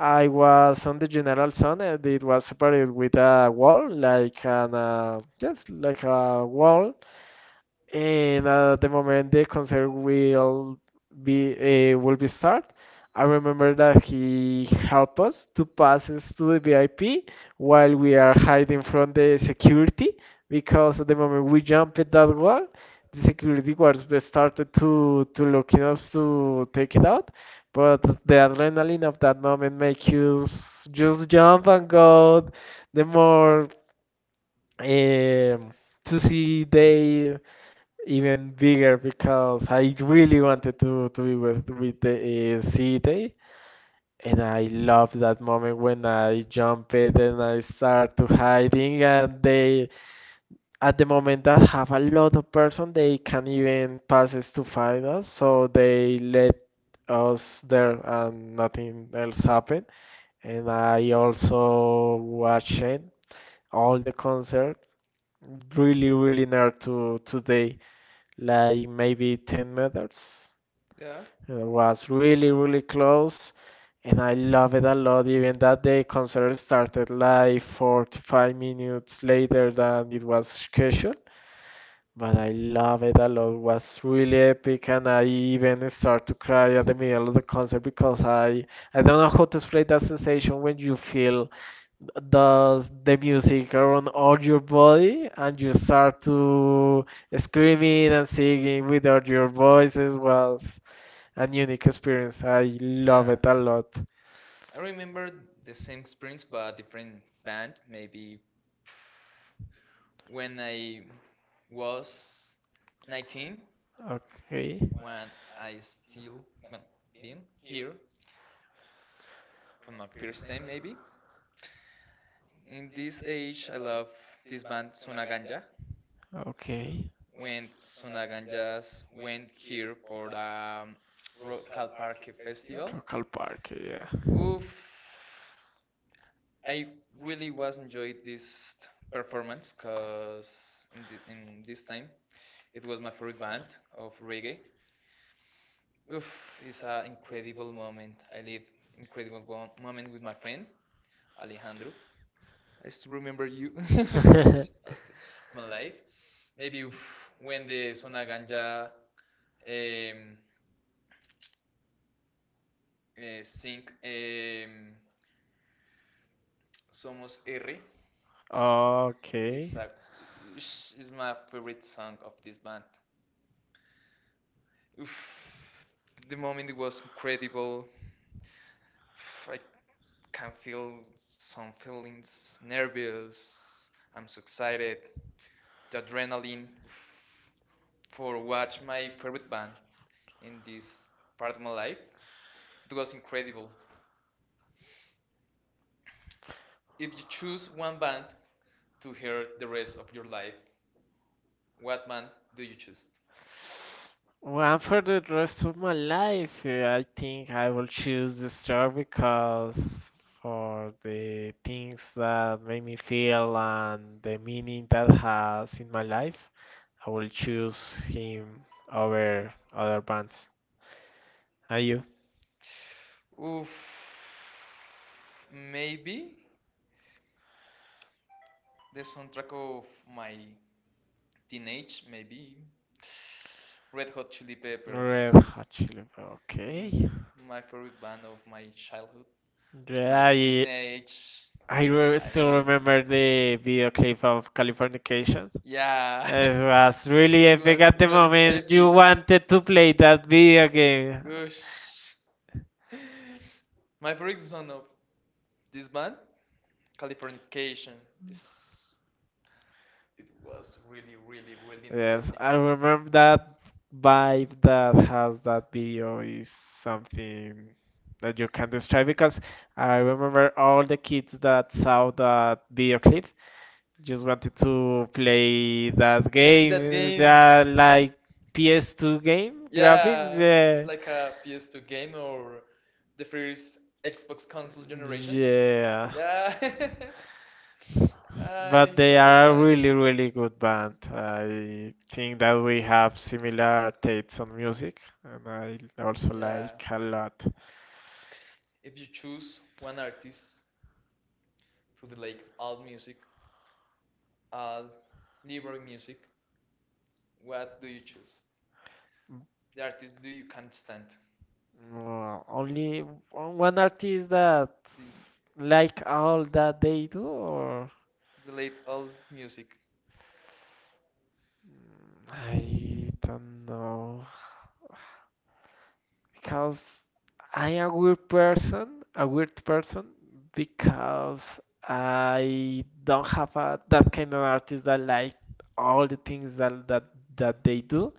[SPEAKER 1] I
[SPEAKER 2] was
[SPEAKER 1] was
[SPEAKER 2] on the
[SPEAKER 1] literally
[SPEAKER 2] general zone, and it was
[SPEAKER 1] was
[SPEAKER 2] separated
[SPEAKER 1] very good.
[SPEAKER 2] with a wall,
[SPEAKER 1] Like
[SPEAKER 2] like an
[SPEAKER 1] the
[SPEAKER 2] yes, like a
[SPEAKER 1] one
[SPEAKER 2] wall,
[SPEAKER 1] in,
[SPEAKER 2] and at the moment the concert
[SPEAKER 1] will
[SPEAKER 2] be
[SPEAKER 1] be
[SPEAKER 2] uh, will
[SPEAKER 1] a,
[SPEAKER 2] be start, I remember
[SPEAKER 1] remember that
[SPEAKER 2] that
[SPEAKER 1] he
[SPEAKER 2] he helped us to pass us to the VIP while
[SPEAKER 1] was from
[SPEAKER 2] we are hiding from the
[SPEAKER 1] the
[SPEAKER 2] security
[SPEAKER 1] second
[SPEAKER 2] because at the moment we jumped at that wall, the security guards started
[SPEAKER 1] to
[SPEAKER 2] to look at
[SPEAKER 1] to
[SPEAKER 2] us to take
[SPEAKER 1] take,
[SPEAKER 2] it out. But
[SPEAKER 1] but
[SPEAKER 2] the
[SPEAKER 1] that
[SPEAKER 2] adrenaline of that
[SPEAKER 1] will
[SPEAKER 2] moment
[SPEAKER 1] make
[SPEAKER 2] makes you
[SPEAKER 1] you
[SPEAKER 2] just
[SPEAKER 1] just jump
[SPEAKER 2] jump
[SPEAKER 1] and
[SPEAKER 2] and
[SPEAKER 1] go.
[SPEAKER 2] go
[SPEAKER 1] The
[SPEAKER 2] the
[SPEAKER 1] more
[SPEAKER 2] more
[SPEAKER 1] uh,
[SPEAKER 2] um,
[SPEAKER 1] to
[SPEAKER 2] to see
[SPEAKER 1] see them
[SPEAKER 2] they
[SPEAKER 1] even
[SPEAKER 2] even
[SPEAKER 1] bigger.
[SPEAKER 2] bigger
[SPEAKER 1] I
[SPEAKER 2] because I really
[SPEAKER 1] really wanted
[SPEAKER 2] wanted
[SPEAKER 1] to
[SPEAKER 2] to
[SPEAKER 1] to
[SPEAKER 2] be
[SPEAKER 1] be,
[SPEAKER 2] with the sea
[SPEAKER 1] see, them,
[SPEAKER 2] day.
[SPEAKER 1] and
[SPEAKER 2] And I
[SPEAKER 1] I love
[SPEAKER 2] loved that moment when I jumped and I
[SPEAKER 1] start
[SPEAKER 2] start
[SPEAKER 1] to
[SPEAKER 2] to
[SPEAKER 1] hiding,
[SPEAKER 2] hiding
[SPEAKER 1] and
[SPEAKER 2] and
[SPEAKER 1] they
[SPEAKER 2] they at the moment that have a lot of person they
[SPEAKER 1] they can
[SPEAKER 2] can
[SPEAKER 1] even
[SPEAKER 2] even
[SPEAKER 1] pass this
[SPEAKER 2] passes
[SPEAKER 1] to
[SPEAKER 2] to find
[SPEAKER 1] parents.
[SPEAKER 2] us so they
[SPEAKER 1] They
[SPEAKER 2] let
[SPEAKER 1] let
[SPEAKER 2] us
[SPEAKER 1] us
[SPEAKER 2] there
[SPEAKER 1] them,
[SPEAKER 2] and nothing else happened. And I
[SPEAKER 1] like,
[SPEAKER 2] also watched
[SPEAKER 1] watch all
[SPEAKER 2] all
[SPEAKER 1] the
[SPEAKER 2] the concert
[SPEAKER 1] pre
[SPEAKER 2] really really
[SPEAKER 1] dinner
[SPEAKER 2] nerd
[SPEAKER 1] to,
[SPEAKER 2] to today
[SPEAKER 1] like,
[SPEAKER 2] like maybe
[SPEAKER 1] maybe ten
[SPEAKER 2] 10
[SPEAKER 1] minutes.
[SPEAKER 2] meters.
[SPEAKER 1] Yeah.
[SPEAKER 2] It
[SPEAKER 1] It's
[SPEAKER 2] was
[SPEAKER 1] really
[SPEAKER 2] really, really
[SPEAKER 1] really close.
[SPEAKER 2] close, and I love it a
[SPEAKER 1] Not
[SPEAKER 2] lot,
[SPEAKER 1] even
[SPEAKER 2] even
[SPEAKER 1] that
[SPEAKER 2] that the concert
[SPEAKER 1] concerns, the
[SPEAKER 2] started
[SPEAKER 1] like
[SPEAKER 2] like 45
[SPEAKER 1] minutes
[SPEAKER 2] minutes later
[SPEAKER 1] later that
[SPEAKER 2] than
[SPEAKER 1] the
[SPEAKER 2] it was
[SPEAKER 1] education,
[SPEAKER 2] scheduled. But I love it a
[SPEAKER 1] that
[SPEAKER 2] lot. It
[SPEAKER 1] was
[SPEAKER 2] was really
[SPEAKER 1] really weak
[SPEAKER 2] epic, and
[SPEAKER 1] and I
[SPEAKER 2] I even
[SPEAKER 1] even
[SPEAKER 2] start
[SPEAKER 1] start
[SPEAKER 2] to
[SPEAKER 1] to
[SPEAKER 2] cry
[SPEAKER 1] cry
[SPEAKER 2] at
[SPEAKER 1] at
[SPEAKER 2] the
[SPEAKER 1] the
[SPEAKER 2] middle of the
[SPEAKER 1] meal.
[SPEAKER 2] concert because I don't know how to explain
[SPEAKER 1] The
[SPEAKER 2] that sensation
[SPEAKER 1] sensation
[SPEAKER 2] when
[SPEAKER 1] you
[SPEAKER 2] you
[SPEAKER 1] feel,
[SPEAKER 2] feel
[SPEAKER 1] the
[SPEAKER 2] does
[SPEAKER 1] the
[SPEAKER 2] the
[SPEAKER 1] music
[SPEAKER 2] music
[SPEAKER 1] on
[SPEAKER 2] around
[SPEAKER 1] your
[SPEAKER 2] all your
[SPEAKER 1] body
[SPEAKER 2] body
[SPEAKER 1] and
[SPEAKER 2] and
[SPEAKER 1] you
[SPEAKER 2] you
[SPEAKER 1] start
[SPEAKER 2] start
[SPEAKER 1] to
[SPEAKER 2] to screaming and
[SPEAKER 1] thinking
[SPEAKER 2] singing with all
[SPEAKER 1] of
[SPEAKER 2] your
[SPEAKER 1] your voices,
[SPEAKER 2] voices
[SPEAKER 1] was
[SPEAKER 2] was
[SPEAKER 1] a
[SPEAKER 2] an
[SPEAKER 1] new
[SPEAKER 2] unique
[SPEAKER 1] experience.
[SPEAKER 2] experience. I
[SPEAKER 1] I did.
[SPEAKER 2] love
[SPEAKER 1] Yeah.
[SPEAKER 2] it a
[SPEAKER 1] That a lot.
[SPEAKER 2] lot.
[SPEAKER 1] I remember the same experience but different band. Maybe when I was 19. Okay.
[SPEAKER 2] Okay.
[SPEAKER 1] When I still, well, been here for my first time, maybe. In this age, I love this band Sunaganja.
[SPEAKER 2] Okay.
[SPEAKER 1] When Sonaganjas went here for the Calparque festival.
[SPEAKER 2] Rockall
[SPEAKER 1] Okay.
[SPEAKER 2] Park, yeah.
[SPEAKER 1] Oof, I really was enjoyed this performance because in this time it was my favorite band of reggae. Oof, it's an incredible moment. I live incredible one moment with my friend Alejandro. I still remember you for this part of my life. Maybe oof, when the Zona Ganja, um, sing, Somos R. Oh, okay.
[SPEAKER 2] Okay.
[SPEAKER 1] It's like, it's my favorite song of this band. Oof, the moment it was incredible. Oof, I can feel some feelings, nervous. I'm so excited. The adrenaline, oof, for watch my favorite band in this part of my life. It was incredible. If you choose one band to hear the rest of your life, what band do you choose?
[SPEAKER 2] Well, for the rest of
[SPEAKER 1] Okay.
[SPEAKER 2] my life, I think I will choose this job because for the things that make me feel and the meaning that has in my life, I will choose him over other bands. Are you?
[SPEAKER 1] Oof. Maybe the soundtrack of my teenage, maybe. Red Hot Chili
[SPEAKER 2] Red
[SPEAKER 1] Peppers
[SPEAKER 2] Hot Chili.
[SPEAKER 1] is
[SPEAKER 2] Okay.
[SPEAKER 1] my favorite band of my childhood, my
[SPEAKER 2] Yeah,
[SPEAKER 1] teenage. I
[SPEAKER 2] still
[SPEAKER 1] l-
[SPEAKER 2] remember the video clip of Californication.
[SPEAKER 1] yeah,
[SPEAKER 2] It was really
[SPEAKER 1] it
[SPEAKER 2] epic
[SPEAKER 1] was
[SPEAKER 2] at the
[SPEAKER 1] really
[SPEAKER 2] moment.
[SPEAKER 1] epic.
[SPEAKER 2] You wanted to play that video game.
[SPEAKER 1] Oosh. My favorite song of this band, Californication, is it was really, really, really
[SPEAKER 2] Yes,
[SPEAKER 1] energetic.
[SPEAKER 2] I remember that vibe that has that video is something that you can describe because I remember all the kids that saw that video clip just wanted to play that
[SPEAKER 1] That
[SPEAKER 2] game,
[SPEAKER 1] game.
[SPEAKER 2] yeah, like PS2 game graphics,
[SPEAKER 1] Yeah, it's
[SPEAKER 2] yeah.
[SPEAKER 1] like a PS2 game or the first Xbox console generation.
[SPEAKER 2] Yeah,
[SPEAKER 1] Yeah, Ah,
[SPEAKER 2] but
[SPEAKER 1] it's
[SPEAKER 2] they
[SPEAKER 1] a good
[SPEAKER 2] are a
[SPEAKER 1] times.
[SPEAKER 2] really, really good band. I think that we have similar tastes on music, and I also
[SPEAKER 1] Yeah.
[SPEAKER 2] like a lot.
[SPEAKER 1] If you choose one artist to the, like, alt music, alt liberal music, what do you choose? The artist do you can't stand?
[SPEAKER 2] Well, only one artist that
[SPEAKER 1] The,
[SPEAKER 2] like all that they do, or
[SPEAKER 1] the late alt music.
[SPEAKER 2] I don't know. Because I am a weird person, because I don't have that kind of artist that like all the things that they do,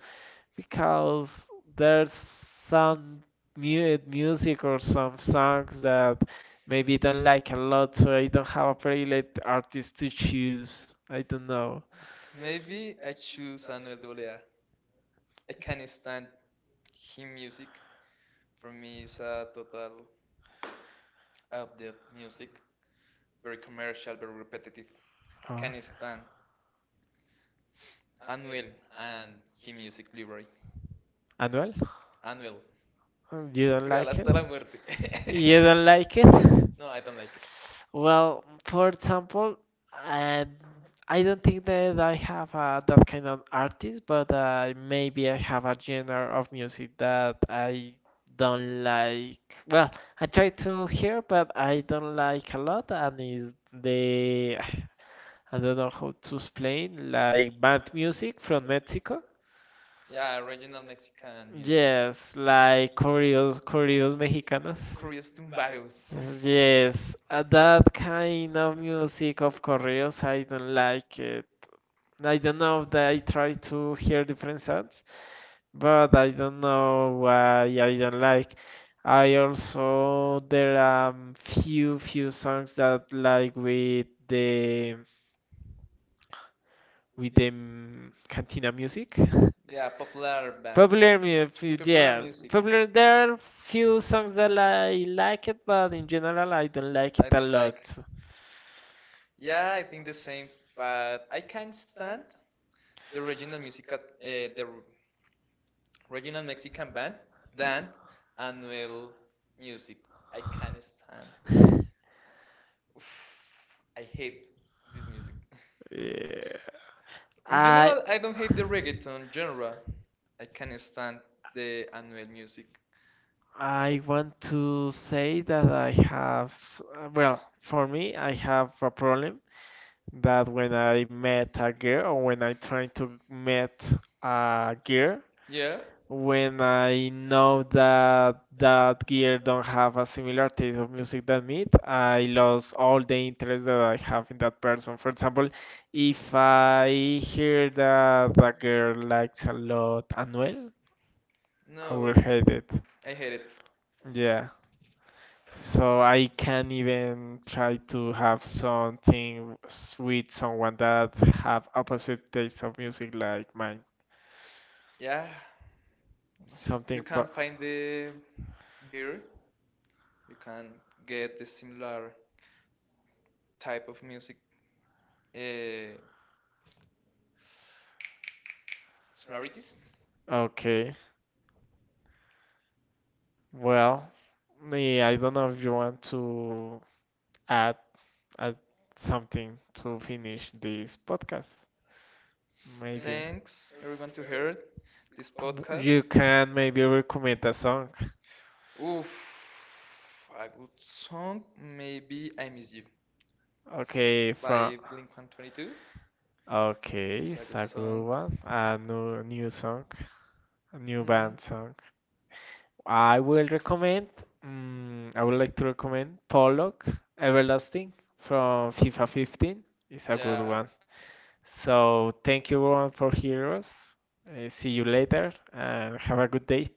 [SPEAKER 2] because there's some mu music or some songs that maybe don't like a lot, so I don't have a favorite artist to choose. I don't know.
[SPEAKER 1] Maybe I choose Anuel AA. I can't stand. Him music for me is a total update music, very commercial, very repetitive. I
[SPEAKER 2] Oh.
[SPEAKER 1] can't stand Anuel and him music library.
[SPEAKER 2] Anuel?
[SPEAKER 1] Anuel,
[SPEAKER 2] You don't
[SPEAKER 1] real
[SPEAKER 2] like it?
[SPEAKER 1] hasta la muerte.
[SPEAKER 2] You don't like it?
[SPEAKER 1] No, I don't like it.
[SPEAKER 2] Well, for example, um, I don't think that I have that kind of artist, but maybe I have a genre of music that I don't like. Well, I try to hear, but I don't like a lot, and is the I don't know how to explain, like band music from Mexico.
[SPEAKER 1] Yeah, original Mexican music.
[SPEAKER 2] Yes, like corridos, corridos mexicanos.
[SPEAKER 1] Curious tumbagos.
[SPEAKER 2] Yes, that
[SPEAKER 1] Kind
[SPEAKER 2] kind
[SPEAKER 1] of
[SPEAKER 2] of
[SPEAKER 1] music,
[SPEAKER 2] music
[SPEAKER 1] of
[SPEAKER 2] of
[SPEAKER 1] course,
[SPEAKER 2] corridos,
[SPEAKER 1] I
[SPEAKER 2] I
[SPEAKER 1] don't
[SPEAKER 2] don't
[SPEAKER 1] like
[SPEAKER 2] like it.
[SPEAKER 1] it. I
[SPEAKER 2] I don't
[SPEAKER 1] don't
[SPEAKER 2] know
[SPEAKER 1] know that
[SPEAKER 2] that
[SPEAKER 1] I
[SPEAKER 2] I
[SPEAKER 1] try
[SPEAKER 2] try
[SPEAKER 1] to
[SPEAKER 2] to
[SPEAKER 1] hear
[SPEAKER 2] hear
[SPEAKER 1] it
[SPEAKER 2] different
[SPEAKER 1] myself,
[SPEAKER 2] sounds,
[SPEAKER 1] but I
[SPEAKER 2] but I
[SPEAKER 1] don't
[SPEAKER 2] don't
[SPEAKER 1] know,
[SPEAKER 2] know why
[SPEAKER 1] I
[SPEAKER 2] I don't
[SPEAKER 1] don't like
[SPEAKER 2] like.
[SPEAKER 1] it. I
[SPEAKER 2] I
[SPEAKER 1] also,
[SPEAKER 2] also
[SPEAKER 1] there
[SPEAKER 2] there
[SPEAKER 1] are
[SPEAKER 2] are few
[SPEAKER 1] few,
[SPEAKER 2] few
[SPEAKER 1] few songs
[SPEAKER 2] songs
[SPEAKER 1] that
[SPEAKER 2] that
[SPEAKER 1] like
[SPEAKER 2] like with
[SPEAKER 1] with the,
[SPEAKER 2] the with
[SPEAKER 1] with
[SPEAKER 2] the
[SPEAKER 1] the cantina
[SPEAKER 2] cantina
[SPEAKER 1] music.
[SPEAKER 2] music.
[SPEAKER 1] Yeah, popular bands.
[SPEAKER 2] Popular
[SPEAKER 1] Popular music.
[SPEAKER 2] music,
[SPEAKER 1] Popular. Yeah.
[SPEAKER 2] yes.
[SPEAKER 1] Music. Popular,
[SPEAKER 2] Popular,
[SPEAKER 1] there
[SPEAKER 2] there
[SPEAKER 1] are
[SPEAKER 2] are
[SPEAKER 1] few
[SPEAKER 2] few songs
[SPEAKER 1] songs that
[SPEAKER 2] that
[SPEAKER 1] I
[SPEAKER 2] I
[SPEAKER 1] like,
[SPEAKER 2] like it, but
[SPEAKER 1] but in
[SPEAKER 2] in
[SPEAKER 1] general
[SPEAKER 2] general, I
[SPEAKER 1] I
[SPEAKER 2] don't
[SPEAKER 1] don't
[SPEAKER 2] like
[SPEAKER 1] like I
[SPEAKER 2] it a
[SPEAKER 1] don't like.
[SPEAKER 2] lot.
[SPEAKER 1] Yeah, I think the same, but I can't stand the regional music, the regional Mexican band, Dan Anuel Music. I can't stand. Oof, I hate this music.
[SPEAKER 2] Yeah.
[SPEAKER 1] In
[SPEAKER 2] I
[SPEAKER 1] general, I don't hate the reggaeton genre. I can't stand the Anuel music.
[SPEAKER 2] I want to say that I have, well, for me, I have a problem that when I met a girl or when I try to meet a girl,
[SPEAKER 1] Yeah.
[SPEAKER 2] when I know that that gear don't have a similar taste of music than me, I lost all the interest that I have in that person. For example, if I hear that a girl likes a lot Anuel, I will
[SPEAKER 1] No,
[SPEAKER 2] hate it.
[SPEAKER 1] I hate it. Yeah.
[SPEAKER 2] Yeah.
[SPEAKER 1] So
[SPEAKER 2] So
[SPEAKER 1] I
[SPEAKER 2] I
[SPEAKER 1] can
[SPEAKER 2] can't even
[SPEAKER 1] even try
[SPEAKER 2] try
[SPEAKER 1] to
[SPEAKER 2] to have
[SPEAKER 1] have some.
[SPEAKER 2] something with someone that have opposite taste of music like mine.
[SPEAKER 1] Yeah,
[SPEAKER 2] Something
[SPEAKER 1] you
[SPEAKER 2] pro-
[SPEAKER 1] can find the gear. You can get the similar type of music, uh, similarities. Okay.
[SPEAKER 2] okay.
[SPEAKER 1] Well,
[SPEAKER 2] Well, me, I don't
[SPEAKER 1] yeah.
[SPEAKER 2] know if you want to add, add something to finish this podcast. Maybe.
[SPEAKER 1] Thanks everyone to hear this
[SPEAKER 2] You
[SPEAKER 1] podcast.
[SPEAKER 2] can maybe recommend a song.
[SPEAKER 1] Oof, a good song. Maybe I Miss You
[SPEAKER 2] Okay, from.
[SPEAKER 1] by Blink 122. It's
[SPEAKER 2] Okay,
[SPEAKER 1] a
[SPEAKER 2] it's
[SPEAKER 1] good
[SPEAKER 2] a
[SPEAKER 1] song.
[SPEAKER 2] good one. A new song, a new
[SPEAKER 1] Mm.
[SPEAKER 2] band song. I will recommend. I would like to recommend Pollock Everlasting from FIFA 15. It's a good
[SPEAKER 1] Yeah.
[SPEAKER 2] one. So thank you all for heroes. See you later and have a good day.